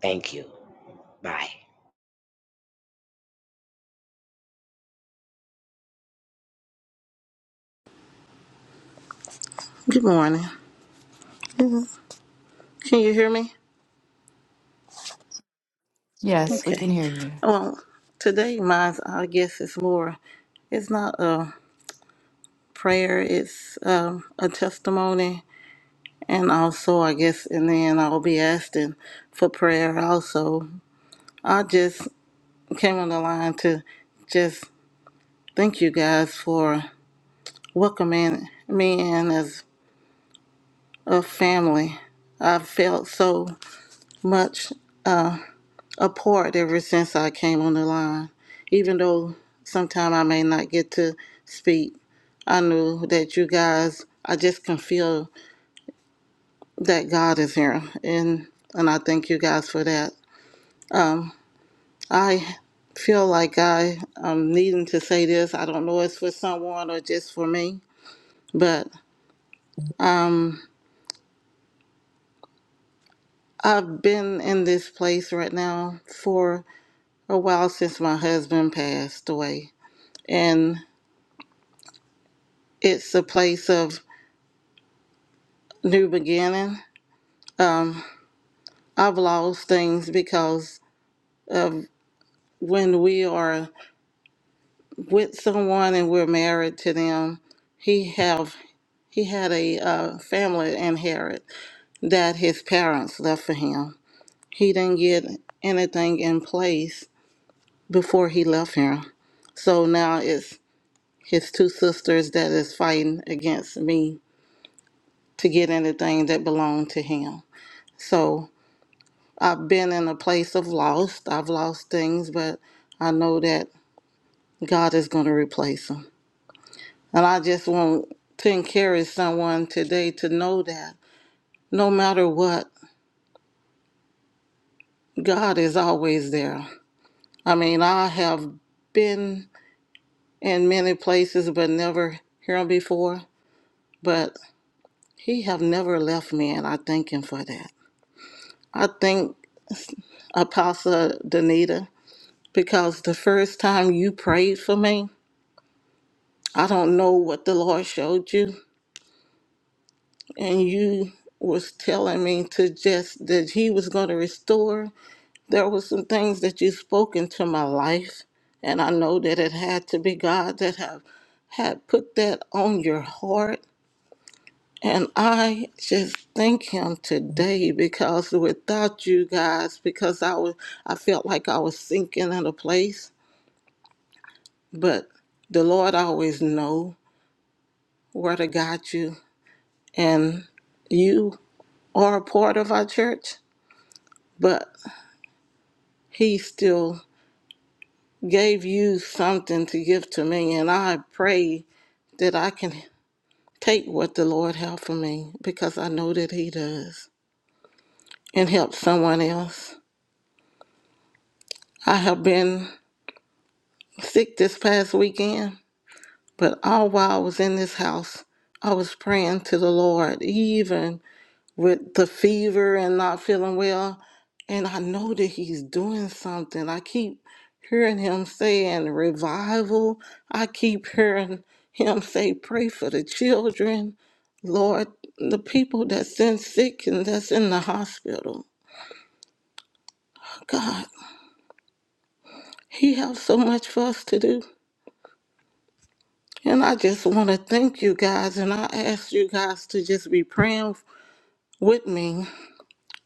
Speaker 4: Thank you. Bye.
Speaker 5: Good morning. Mhm. Can you hear me?
Speaker 3: Yes, we
Speaker 1: Yes.
Speaker 3: can
Speaker 5: Okay.
Speaker 3: hear you.
Speaker 5: Well, today, my I guess is more. It's not a prayer. It's um, a testimony, and also I guess, and then I'll be asking for prayer. Also, I just came on the line to just thank you guys for welcoming me in as a family. I felt so much. uh, apart ever since I came on the line. Even though sometimes I may not get to speak, I knew that you guys, I just can feel that God is here, and and I thank you guys for that. Um, I feel like I am needing to say this. I don't know if it's for someone or just for me, but um, I've been in this place right now for a while since my husband passed away, and it's a place of new beginning. Um, I've lost things because of when we are with someone and we're married to them. He have he had a uh, family inherit that his parents left for him. He didn't get anything in place before he left here, so now it's his two sisters that is fighting against me to get anything that belonged to him. So I've been in a place of loss. I've lost things, but I know that God is going to replace them. And I just want to encourage someone today to know that no matter what, God is always there. I mean, I have been in many places, but never here before. But He have never left me, and I thank Him for that. I thank Apostle Danita because the first time you prayed for me. I don't know what the Lord showed you, and you was telling me to just that He was going to restore. There was some things that you spoke into my life, and I know that it had to be God that have had put that on your heart. And I just thank him today because without you guys, because I was I felt like I was sinking in a place. But the Lord always know where to guide you. And you or a part of our church, but he still gave you something to give to me. And I pray that I can take what the Lord has for me because I know that he does and help someone else. I have been sick this past weekend, but all while I was in this house, I was praying to the Lord, even with the fever and not feeling well. And I know that he's doing something. I keep hearing him saying revival. I keep hearing him say, pray for the children. Lord, the people that's in sick and that's in the hospital. God, he has so much for us to do. And I just want to thank you guys. And I ask you guys to just be praying with me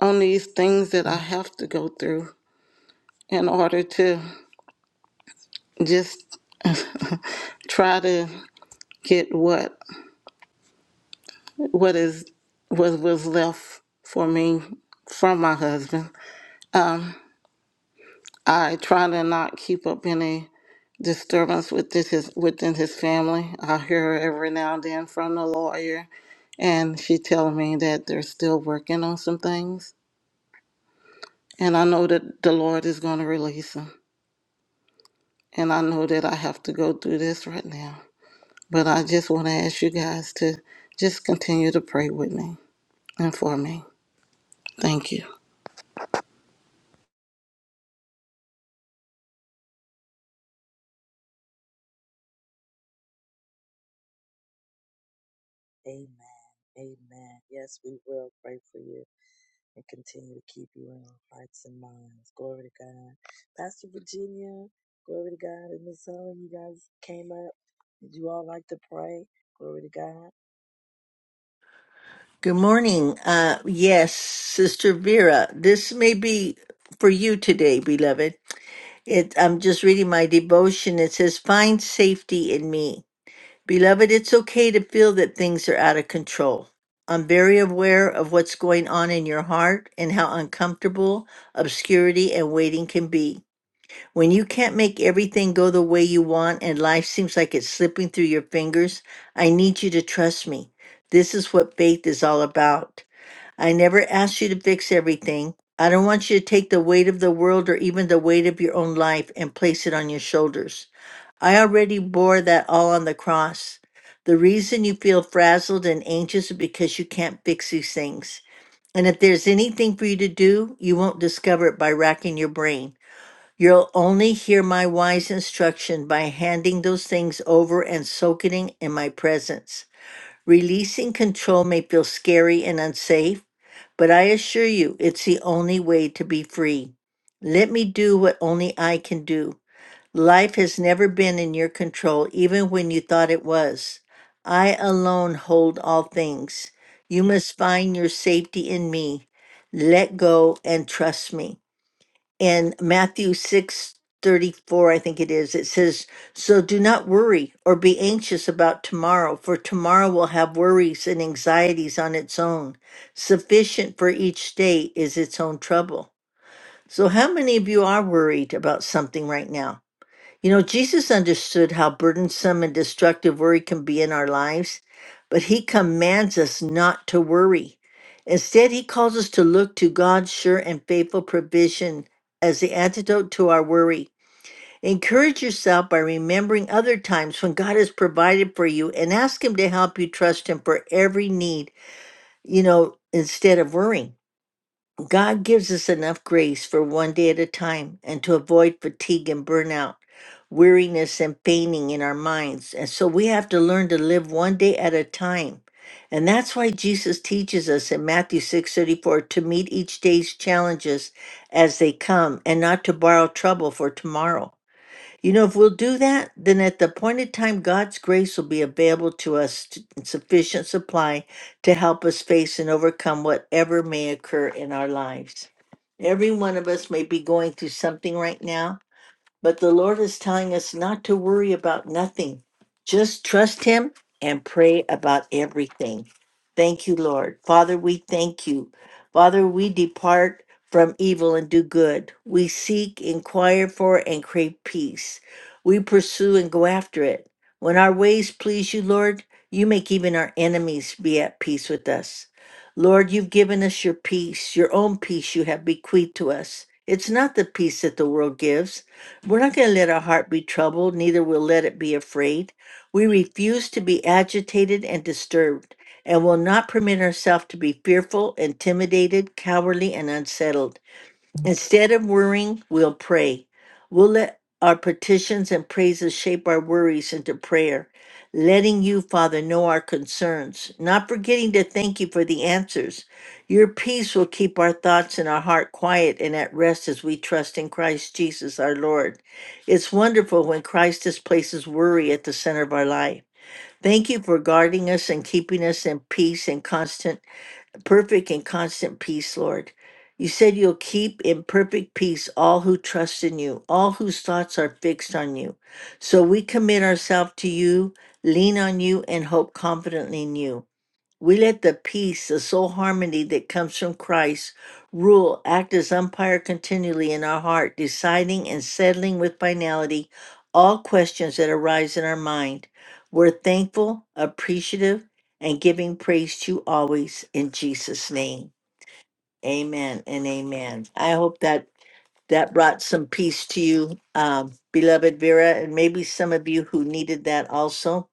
Speaker 5: on these things that I have to go through in order to just try to get what what is what was left for me from my husband. I try to not keep up any disturbance with this his, within his family. I hear every now and then from the lawyer, and she telling me that they're still working on some things. And I know that the Lord is going to release him. And I know that I have to go through this right now. But I just want to ask you guys to just continue to pray with me and for me. Thank you.
Speaker 1: Amen. Amen. Yes, we will pray for you. and continue to keep you in our hearts and minds. Glory to God. Pastor Virginia, glory to God. And Miss Helen, you guys came up. Did you all like to pray? Glory to God.
Speaker 6: Good morning. Uh, yes, Sister Vera, this may be for you today, beloved. It, I'm just reading my devotion. It says, Find safety in me. Beloved, it's okay to feel that things are out of control. I'm very aware of what's going on in your heart and how uncomfortable obscurity and waiting can be. When you can't make everything go the way you want and life seems like it's slipping through your fingers, I need you to trust me. This is what faith is all about. I never asked you to fix everything. I don't want you to take the weight of the world or even the weight of your own life and place it on your shoulders. I already bore that all on the cross. The reason you feel frazzled and anxious is because you can't fix these things. And if there's anything for you to do, you won't discover it by racking your brain. You'll only hear my wise instruction by handing those things over and soaking in my presence. Releasing control may feel scary and unsafe, but I assure you it's the only way to be free. Let me do what only I can do. Life has never been in your control, even when you thought it was. I alone hold all things. You must find your safety in me. Let go and trust me in Matthew 6 34, I think it is, it says, So do not worry or be anxious about tomorrow, for tomorrow will have worries and anxieties on its own. Sufficient for each day is its own trouble. So, how many of you are worried about something right now? You know, Jesus understood how burdensome and destructive worry can be in our lives, but he commands us not to worry. Instead, he calls us to look to God's sure and faithful provision as the antidote to our worry. Encourage yourself by remembering other times when God has provided for you and ask him to help you trust him for every need, you know, instead of worrying. God gives us enough grace for one day at a time and to avoid fatigue and burnout, weariness and fainting in our minds. And so we have to learn to live one day at a time. And that's why Jesus teaches us in Matthew 6:34 to meet each day's challenges as they come and not to borrow trouble for tomorrow. You know, if we'll do that, then at the appointed time, God's grace will be available to us t- in sufficient supply to help us face and overcome whatever may occur in our lives. Every one of us may be going through something right now but the Lord is telling us not to worry about nothing. Just trust Him and pray about everything. Thank you, Lord. Father, we thank you. Father, we depart from evil and do good. We seek, inquire for, and crave peace. We pursue and go after it. When our ways please you, Lord, you make even our enemies be at peace with us. Lord, you've given us your peace, your own peace you have bequeathed to us. It's not the peace that the world gives we're not going to let our heart be troubled, neither will let it be afraid. We refuse to be agitated and disturbed, and will not permit ourselves to be fearful, intimidated, cowardly, and unsettled. Instead of worrying, we'll pray. We'll let our petitions and praises shape our worries into prayer, letting you, Father, know our concerns, not forgetting to thank you for the answers. Your peace will keep our thoughts and our heart quiet and at rest as we trust in Christ Jesus our Lord. It's wonderful when Christ displaces worry at the center of our life. Thank you for guarding us and keeping us in peace and constant perfect and constant peace, Lord. You said you'll keep in perfect peace all who trust in you, all whose thoughts are fixed on you. So we commit ourselves to you, lean on you, and hope confidently in you. We let the peace, the soul harmony that comes from Christ rule, act as umpire continually in our heart, deciding and settling with finality all questions that arise in our mind. We're thankful, appreciative, and giving praise to you always in Jesus' name. Amen and amen. I hope that that brought some peace to you, um, beloved Vera, and maybe some of you who needed that also.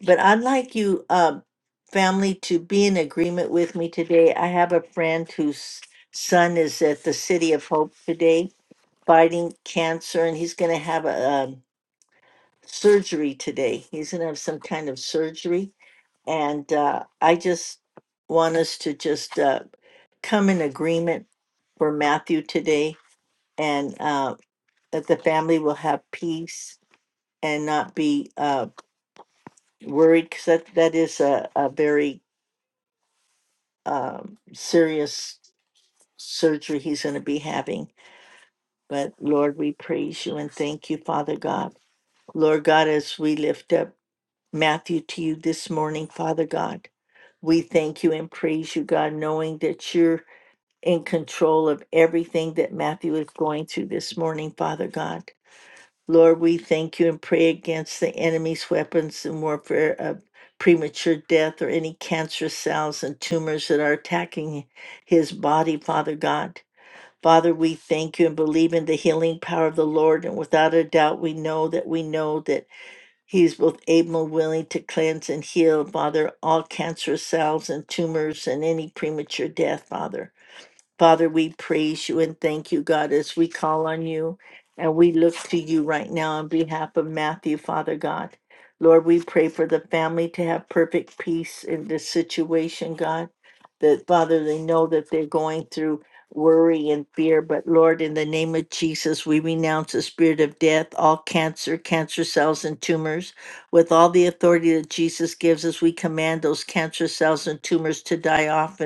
Speaker 6: But I'd like you, um, family, to be in agreement with me today. I have a friend whose son is at the City of Hope today fighting cancer, and he's going to have a, um surgery today. He's going to have some kind of surgery. And uh, I just want us to just uh, come in agreement for Matthew today and uh, that the family will have peace and not be uh, worried because that, that is a, a very um, serious surgery he's going to be having. But Lord, we praise you and thank you, Father God. Lord God, as we lift up Matthew to you this morning, Father God, we thank you and praise you, God, knowing that you're in control of everything that Matthew is going through this morning, Father God. Lord, we thank you and pray against the enemy's weapons and warfare of premature death or any cancerous cells and tumors that are attacking his body, Father God. Father, we thank you and believe in the healing power of the Lord. And without a doubt, we know that we know that he is both able and willing to cleanse and heal, Father, all cancerous cells and tumors and any premature death, Father. Father, we praise you and thank you, God, as we call on you and we look to you right now on behalf of Matthew, Father God. Lord, we pray for the family to have perfect peace in this situation, God. That, Father, they know that they're going through worry and fear. But, Lord, in the name of Jesus, we renounce the spirit of death, all cancer, cancer cells, and tumors. With all the authority that Jesus gives us, we command those cancer cells and tumors to die off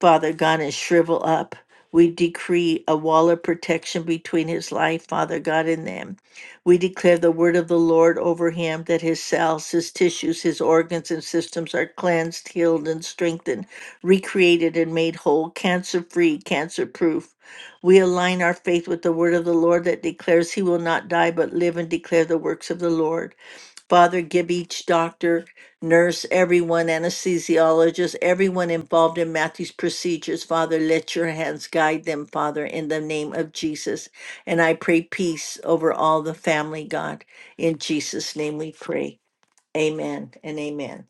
Speaker 6: Father God, and shrivel up. We decree a wall of protection between his life, Father God, and them. We declare the word of the Lord over him that his cells, his tissues, his organs, and systems are cleansed, healed, and strengthened, recreated, and made whole, cancer free, cancer proof. We align our faith with the word of the Lord that declares he will not die but live and declare the works of the Lord. Father, give each doctor, nurse, everyone, anesthesiologist, everyone involved in Matthew's procedures, Father, let your hands guide them, Father, in the name of Jesus. And I pray peace over all the family, God. In Jesus' name we pray. Amen and amen.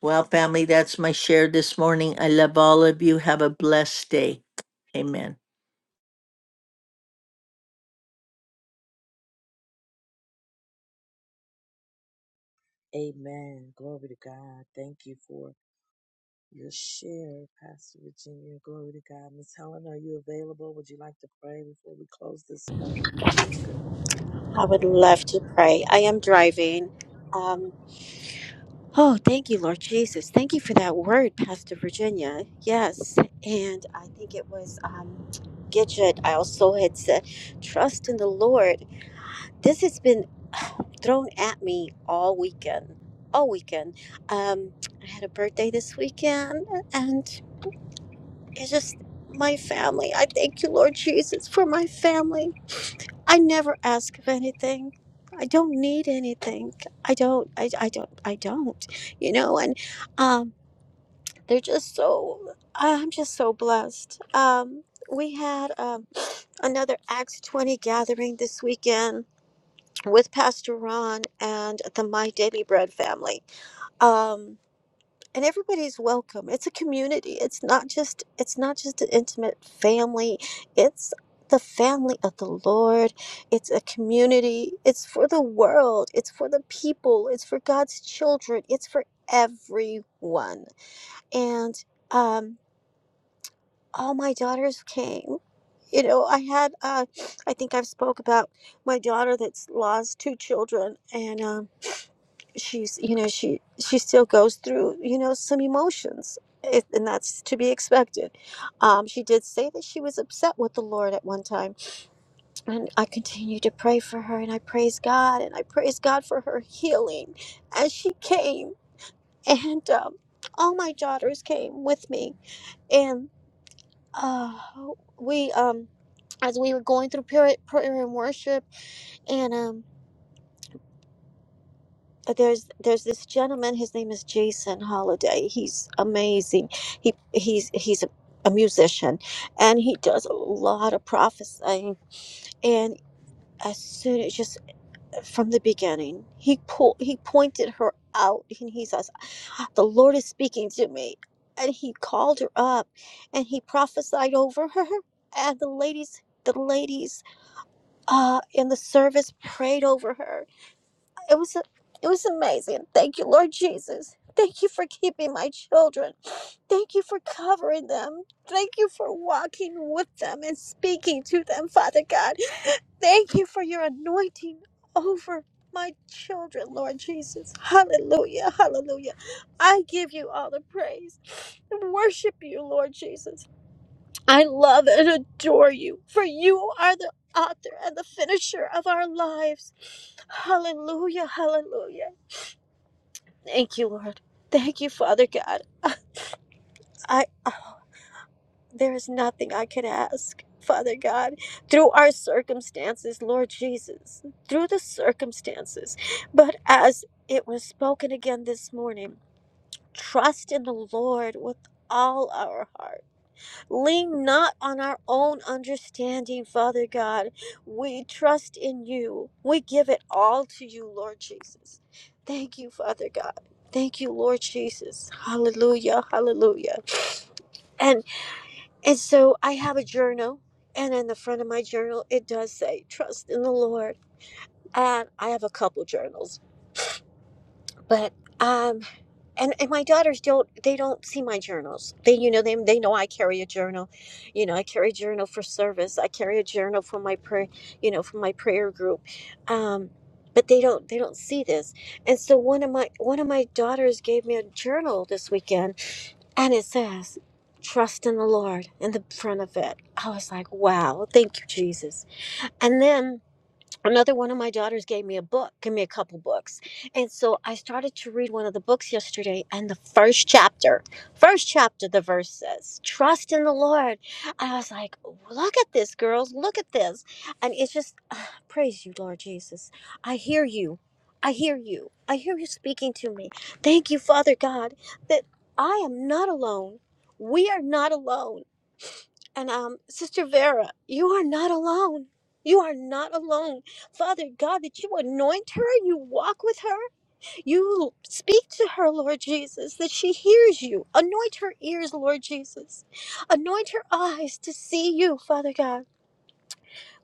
Speaker 6: Well, family, that's my share this morning. I love all of you. Have a blessed day. Amen.
Speaker 1: Amen. Glory to God. Thank you for your share, Pastor Virginia. Glory to God. Miss Helen, are you available? Would you like to pray before we close this morning? Good
Speaker 7: I would
Speaker 1: prayer, you guys.
Speaker 7: love to pray. I am driving. Um, oh, thank you, Lord Jesus. Thank you for that word, Pastor Virginia. Yes. And I think it was um, Gidget. I also had said, trust in the Lord. This has been thrown at me all weekend. All weekend. Um, I had a birthday this weekend, and it's just my family. I thank you, Lord Jesus, for my family. I never ask of anything. I don't need anything. I don't. I, I don't. I don't. You know, and um, they're just so. I'm just so blessed. Um, we had um, another Acts 20 gathering this weekend with Pastor Ron and the My Daily Bread family. Um, and everybody's welcome it's a community it's not just it's not just an intimate family it's the family of the lord it's a community it's for the world it's for the people it's for god's children it's for everyone and um all my daughters came you know i had uh i think i've spoke about my daughter that's lost two children and um she's you know she she still goes through you know some emotions it, and that's to be expected um she did say that she was upset with the lord at one time and i continue to pray for her and i praise god and i praise god for her healing as she came and um all my daughters came with me and uh we um as we were going through prayer, prayer and worship and. um there's there's this gentleman his name is jason holiday he's amazing he he's he's a, a musician and he does a lot of prophesying and as soon as just from the beginning he pulled he pointed her out and he says the lord is speaking to me and he called her up and he prophesied over her and the ladies the ladies uh, in the service prayed over her it was it was amazing. Thank you, Lord Jesus. Thank you for keeping my children. Thank you for covering them. Thank you for walking with them and speaking to them, Father God. Thank you for your anointing over my children, Lord Jesus. Hallelujah. Hallelujah. I give you all the praise. and Worship you, Lord Jesus. I love and adore you, for you are the author and the finisher of our lives. Hallelujah, hallelujah. Thank you, Lord. Thank you, Father God. I I there is nothing I could ask, Father God, through our circumstances, Lord Jesus, through the circumstances. But as it was spoken again this morning, trust in the Lord with all our heart Lean not on our own understanding, Father God. We trust in you. We give it all to you, Lord Jesus. Thank you, Father God. Thank you, Lord Jesus. Hallelujah. Hallelujah. And and so I have a journal, and in the front of my journal it does say, trust in the Lord. And I have a couple journals but um and, and my daughters don't they don't see my journals they you know they, they know i carry a journal you know i carry a journal for service i carry a journal for my prayer you know for my prayer group um but they don't they don't see this and so one of my one of my daughters gave me a journal this weekend and it says trust in the lord in the front of it i was like wow thank you jesus and then another one of my daughters gave me a book, gave me a couple books. And so I started to read one of the books yesterday and the first chapter, first chapter, the verse says, trust in the Lord. And I was like, look at this, girls, look at this. And it's just, ah, praise you, Lord Jesus. I hear you. I hear you. I hear you speaking to me. Thank you, Father God, that I am not alone. We are not alone and um, Sister Vera, you are not alone. You are not alone. Father God, that you anoint her, and you walk with her, you speak to her, Lord Jesus, that she hears you. Anoint her ears, Lord Jesus. Anoint her eyes to see you, Father God.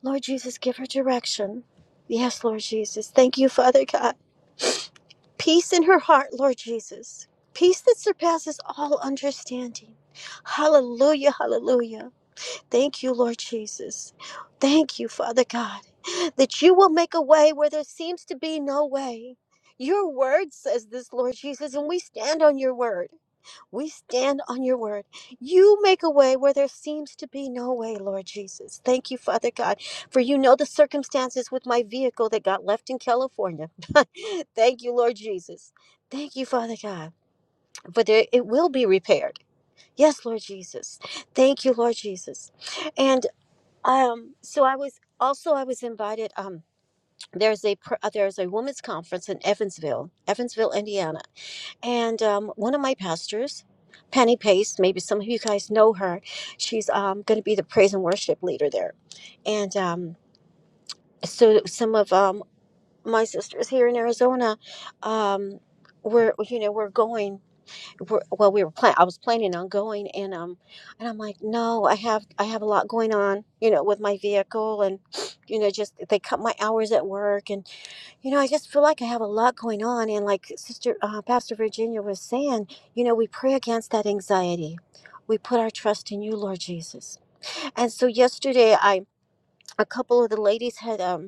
Speaker 7: Lord Jesus, give her direction. Yes, Lord Jesus. Thank you, Father God. Peace in her heart, Lord Jesus. Peace that surpasses all understanding. Hallelujah, hallelujah. Thank you, Lord Jesus. Thank you, Father God, that you will make a way where there seems to be no way. Your word says this, Lord Jesus, and we stand on your word. We stand on your word. You make a way where there seems to be no way, Lord Jesus. Thank you, Father God, for you know the circumstances with my vehicle that got left in California. Thank you, Lord Jesus. Thank you, Father God, for there, it will be repaired. Yes, Lord Jesus. Thank you, Lord Jesus. and. Um, so I was also I was invited. Um, there's a pr- uh, there's a women's conference in Evansville, Evansville, Indiana, and um, one of my pastors, Penny Pace. Maybe some of you guys know her. She's um, going to be the praise and worship leader there, and um, so some of um, my sisters here in Arizona, um, we're you know we're going were- well we were plan I was planning on going and um and I'm like no I have I have a lot going on you know with my vehicle and you know just they cut my hours at work and you know I just feel like I have a lot going on and like sister uh, pastor Virginia was saying you know we pray against that anxiety we put our trust in you Lord Jesus and so yesterday I a couple of the ladies had um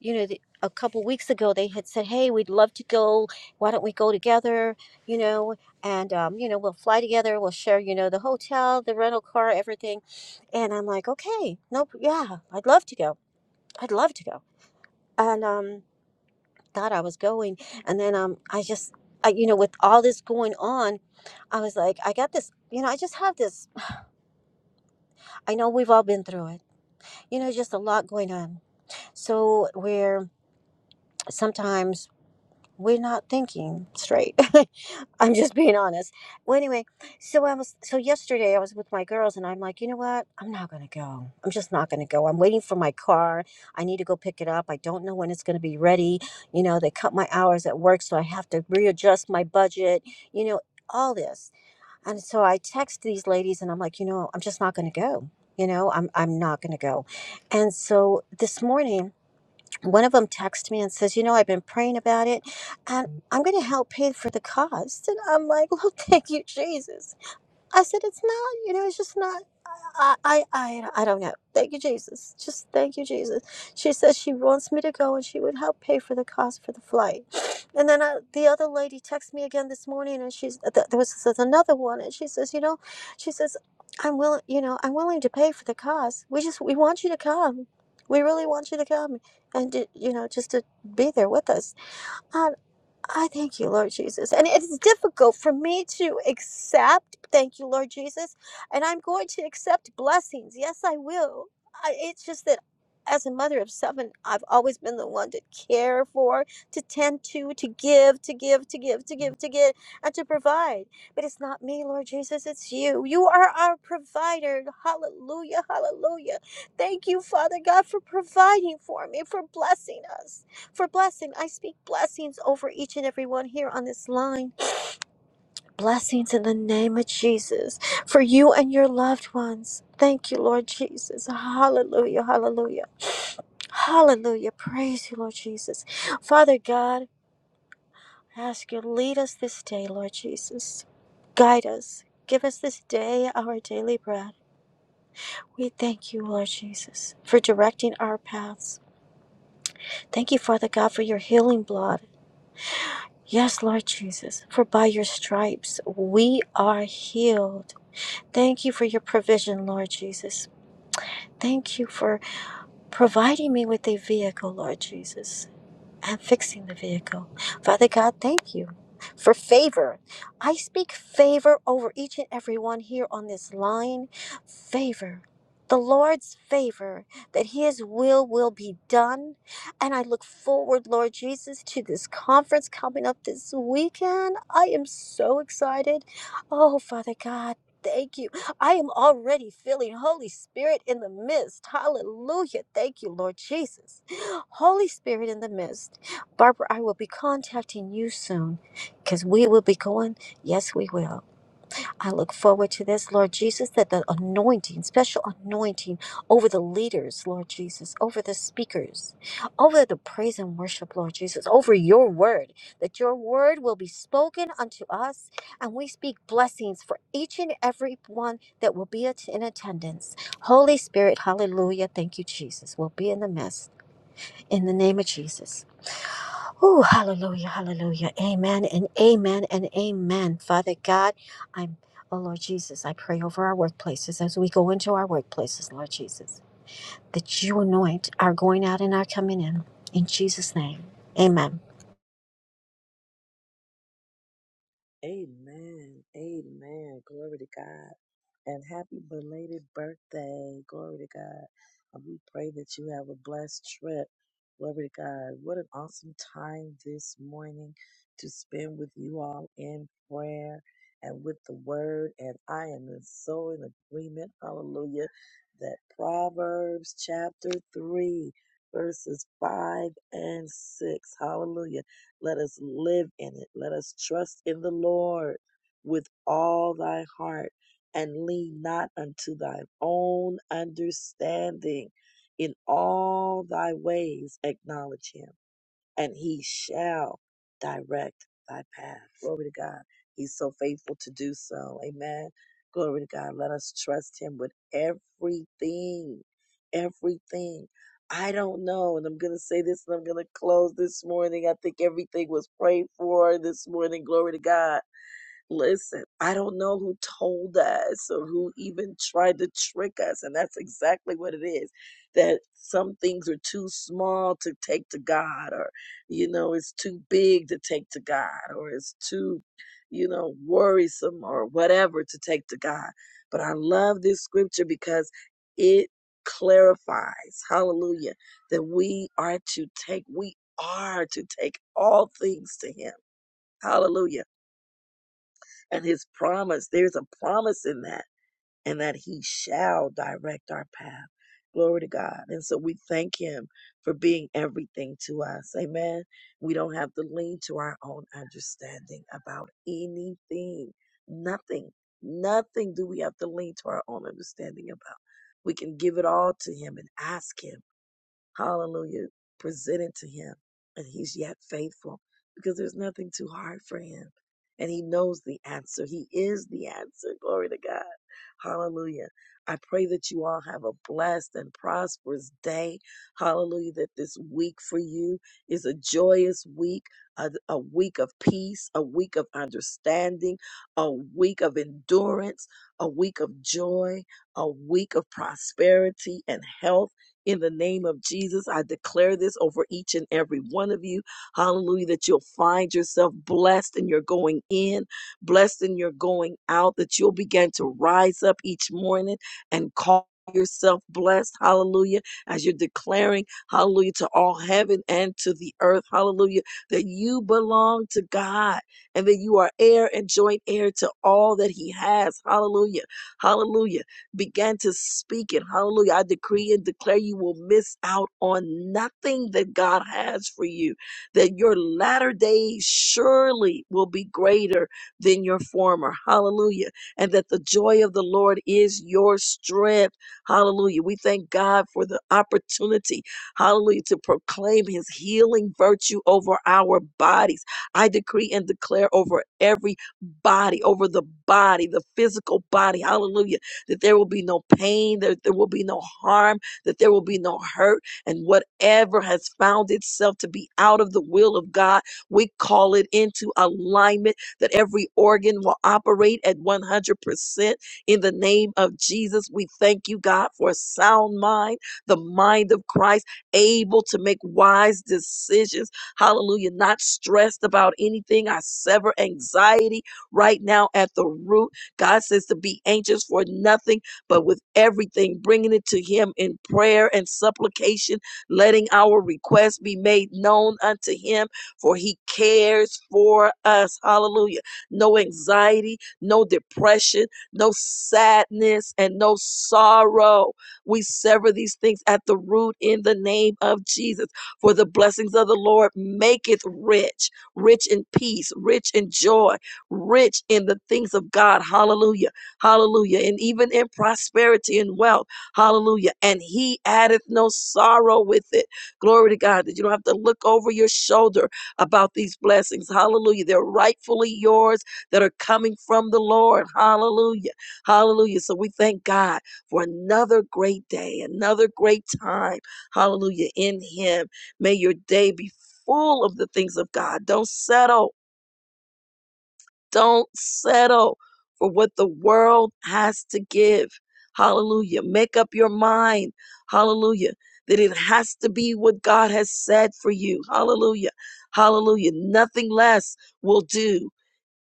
Speaker 7: you know, the, a couple weeks ago they had said, "Hey, we'd love to go. Why don't we go together? You know, and um, you know, we'll fly together. We'll share, you know, the hotel, the rental car, everything." And I'm like, "Okay, nope, yeah, I'd love to go. I'd love to go." And um, thought I was going, and then um, I just, I, you know, with all this going on, I was like, I got this. You know, I just have this. I know we've all been through it. You know, just a lot going on. So where sometimes we're not thinking straight. I'm just being honest. Well, anyway, so I was so yesterday I was with my girls and I'm like, you know what? I'm not gonna go. I'm just not gonna go. I'm waiting for my car. I need to go pick it up. I don't know when it's gonna be ready. You know, they cut my hours at work, so I have to readjust my budget. You know, all this. And so I text these ladies and I'm like, you know, I'm just not gonna go. You know, I'm I'm not gonna go. And so this morning one of them texted me and says, "You know, I've been praying about it, and I'm going to help pay for the cost." And I'm like, "Well, thank you, Jesus." I said, "It's not, you know, it's just not." I, I, I, I don't know. Thank you, Jesus. Just thank you, Jesus. She says she wants me to go and she would help pay for the cost for the flight. And then uh, the other lady texted me again this morning and she's, th- there was there's another one and she says, you know, she says, I'm willing, you know, I'm willing to pay for the cost. We just, we want you to come. We really want you to come and, to, you know, just to be there with us. I, I thank you, Lord Jesus. And it's difficult for me to accept. Thank you, Lord Jesus. And I'm going to accept blessings. Yes, I will. I, it's just that as a mother of seven, I've always been the one to care for, to tend to, to give, to give, to give, to give, to give, and to provide. But it's not me, Lord Jesus. It's you. You are our provider. Hallelujah. Hallelujah. Thank you, Father God, for providing for me, for blessing us for blessing. I speak blessings over each and every one here on this line. Blessings in the name of Jesus for you and your loved ones. Thank you, Lord Jesus. Hallelujah. Hallelujah. Hallelujah. Praise you, Lord Jesus. Father God, I ask you, lead us this day, Lord Jesus. Guide us. Give us this day our daily bread. We thank you, Lord Jesus, for directing our paths. Thank you, Father God, for your healing blood. Yes, Lord Jesus, for by your stripes we are healed. Thank you for your provision, Lord Jesus. Thank you for providing me with a vehicle, Lord Jesus and fixing the vehicle. Father God, thank you for favor. I speak favor over each and every one here on this line. Favor. The Lord's favor that His will will be done. And I look forward, Lord Jesus, to this conference coming up this weekend. I am so excited. Oh, Father God, thank you. I am already feeling Holy Spirit in the midst. Hallelujah. Thank you, Lord Jesus. Holy Spirit in the midst. Barbara, I will be contacting you soon because we will be going. Yes, we will. I look forward to this, Lord Jesus, that the anointing, special anointing over the leaders, Lord Jesus, over the speakers, over the praise and worship, Lord Jesus, over your word, that your word will be spoken unto us. And we speak blessings for each and every one that will be at- in attendance. Holy Spirit, hallelujah. Thank you, Jesus. Will be in the midst in the name of Jesus. Oh, hallelujah, hallelujah. Amen and amen and amen. Father God, I'm, oh Lord Jesus, I pray over our workplaces as we go into our workplaces, Lord Jesus, that you anoint our going out and our coming in. In Jesus' name, amen.
Speaker 1: Amen. Amen. Glory to God. And happy belated birthday. Glory to God. And we pray that you have a blessed trip. Glory to God. What an awesome time this morning to spend with you all in prayer and with the word. And I am in- so in agreement, hallelujah, that Proverbs chapter 3, verses 5 and 6, hallelujah let us live in it. Let us trust in the Lord with all thy heart and lean not unto thine own understanding. In all thy ways acknowledge him and he shall direct thy path. Glory to God. He's so faithful to do so. Amen. Glory to God. Let us trust him with everything. Everything. I don't know. And I'm going to say this and I'm going to close this morning. I think everything was prayed for this morning. Glory to God. Listen, I don't know who told us or who even tried to trick us. And that's exactly what it is that some things are too small to take to God, or, you know, it's too big to take to God, or it's too, you know, worrisome or whatever to take to God. But I love this scripture because it clarifies, hallelujah, that we are to take, we are to take all things to Him. Hallelujah and his promise. There's a promise in that, and that he shall direct our path. Glory to God. And so we thank him for being everything to us. Amen. We don't have to lean to our own understanding about anything, nothing, nothing do we have to lean to our own understanding about. We can give it all to him and ask him Hallelujah. Presented to him. And he's yet faithful because there's nothing too hard for him. And he knows the answer. He is the answer. Glory to God. Hallelujah. I pray that you all have a blessed and prosperous day. Hallelujah. That this week for you is a joyous week, a, a week of peace, a week of understanding, a week of endurance, a week of joy, a week of prosperity and health in the name of Jesus, I declare this over each and every one of you. Hallelujah, that you'll find yourself blessed in your going in, blessed in your going out, that you'll begin to rise up each morning and call yourself blessed. Hallelujah, as you're declaring, hallelujah, to all heaven and to the earth. Hallelujah, that you belong to God and that you are heir and joint heir to all that He has. Hallelujah, hallelujah began to speak it. Hallelujah. I decree and declare you will miss out on nothing that God has for you, that your latter days surely will be greater than your former. Hallelujah. And that the joy of the Lord is your strength. Hallelujah. We thank God for the opportunity, hallelujah, to proclaim his healing virtue over our bodies. I decree and declare over every body, over the body, the physical body. Hallelujah that there will be no pain, that there will be no harm, that there will be no hurt. And whatever has found itself to be out of the will of God, we call it into alignment that every organ will operate at 100% in the name of Jesus. We thank you, God, for a sound mind, the mind of Christ, able to make wise decisions. Hallelujah. Not stressed about anything. I sever anxiety right now at the root God says to be anxious for nothing, but with everything, bringing it to Him in prayer and supplication, letting our requests be made known unto Him, for He cares for us. Hallelujah. No anxiety, no depression, no sadness, and no sorrow. We sever these things at the root in the name of Jesus. For the blessings of the Lord maketh rich, rich in peace, rich in joy rich in the things of God. Hallelujah. Hallelujah. And even in prosperity and wealth. Hallelujah. And he addeth no sorrow with it. Glory to God that you don't have to look over your shoulder about these blessings. Hallelujah. They're rightfully yours that are coming from the Lord. Hallelujah. Hallelujah. So we thank God for another great day, another great time. Hallelujah. In him. May your day be full of the things of God. Don't settle. Don't settle for what the world has to give. Hallelujah. Make up your mind. Hallelujah. That it has to be what God has said for you. Hallelujah. Hallelujah. Nothing less will do.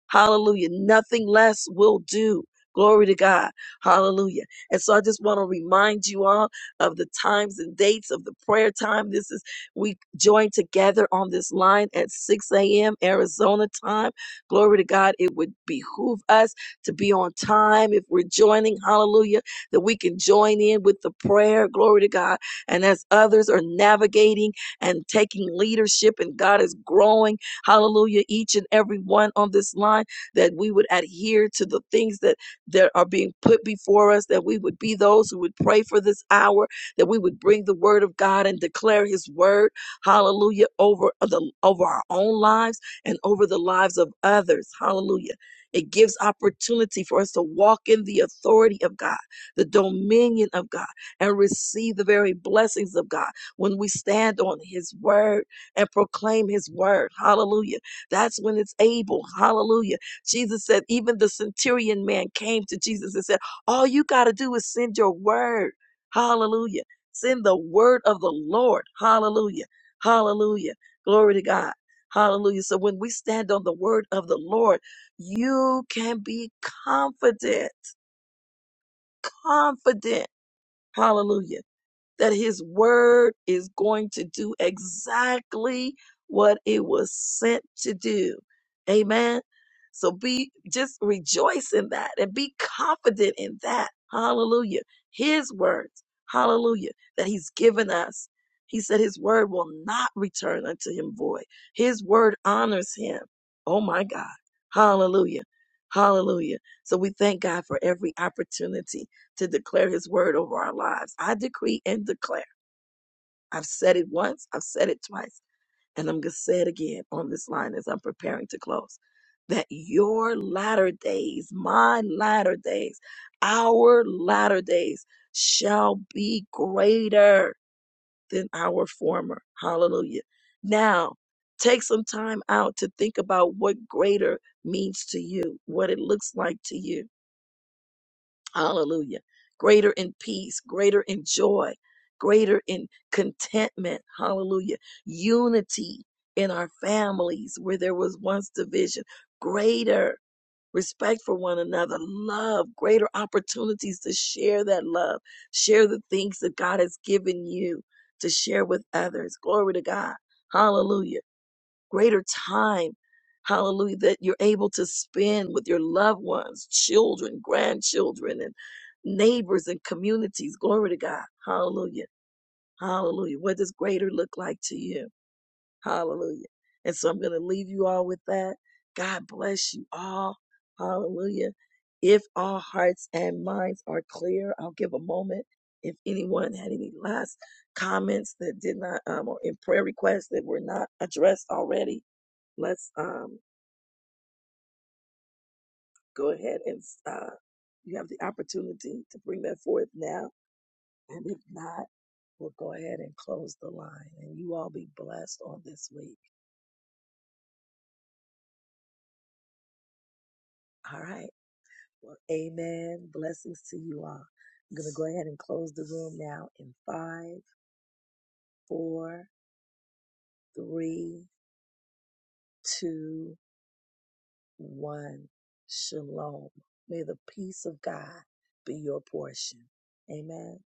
Speaker 1: Hallelujah. Nothing less will do. Glory to God. Hallelujah. And so I just want to remind you all of the times and dates of the prayer time. This is, we join together on this line at 6 a.m. Arizona time. Glory to God. It would behoove us to be on time if we're joining. Hallelujah. That we can join in with the prayer. Glory to God. And as others are navigating and taking leadership and God is growing Hallelujah. Each and every one on this line that we would adhere to the things that, that are being put before us, that we would be those who would pray for this hour, that we would bring the word of God and declare his word. Hallelujah. Over the, over our own lives and over the lives of others. Hallelujah. It gives opportunity for us to walk in the authority of God, the dominion of God, and receive the very blessings of God when we stand on His word and proclaim his word. Hallelujah. That's when it's able. Hallelujah. Jesus said, even the centurion man came to Jesus and said, All you got to do is send your word. Hallelujah. Send the word of the Lord. Hallelujah. Hallelujah. Glory to God. Hallelujah. So when we stand on the word of the Lord, you can be confident, confident. Hallelujah that his word is going to do exactly what it was sent to do. Amen. So be just rejoice in that and be confident in that. Hallelujah. His words. Hallelujah. That he's given us. He said his word will not return unto him void. His word honors him. Oh my God. Hallelujah. Hallelujah. So we thank God for every opportunity to declare his word over our lives. I decree and declare. I've said it once, I've said it twice, and I'm going to say it again on this line as I'm preparing to close. That your latter days, my latter days, our latter days shall be greater than our former. Hallelujah. Now, take some time out to think about what greater means to you, what it looks like to you Hallelujah. Greater in peace, greater in joy, greater in contentment. Hallelujah. Unity in our families where there was once division. Greater respect for one another, love, greater opportunities to share that love, share the things that God has given you to share with others. Glory to God. Hallelujah greater time, hallelujah, that you're able to spend with your loved ones, children, grandchildren, and neighbors and communities. Glory to God. Hallelujah. Hallelujah. What does greater look like to you? Hallelujah. And so I'm going to leave you all with that. God bless you all. Hallelujah. If our hearts and minds are clear, I'll give a moment. If anyone had any last comments that did not, um, or in prayer requests that were not addressed already, let's um, go ahead and uh, you have the opportunity to bring that forth now. And if not, we'll go ahead and close the line. And you all be blessed on this week. All right. Well, amen. Blessings to you all. I'm going to go ahead and close the room now in five, four, three, two, one. Shalom. May the peace of God be your portion. Amen.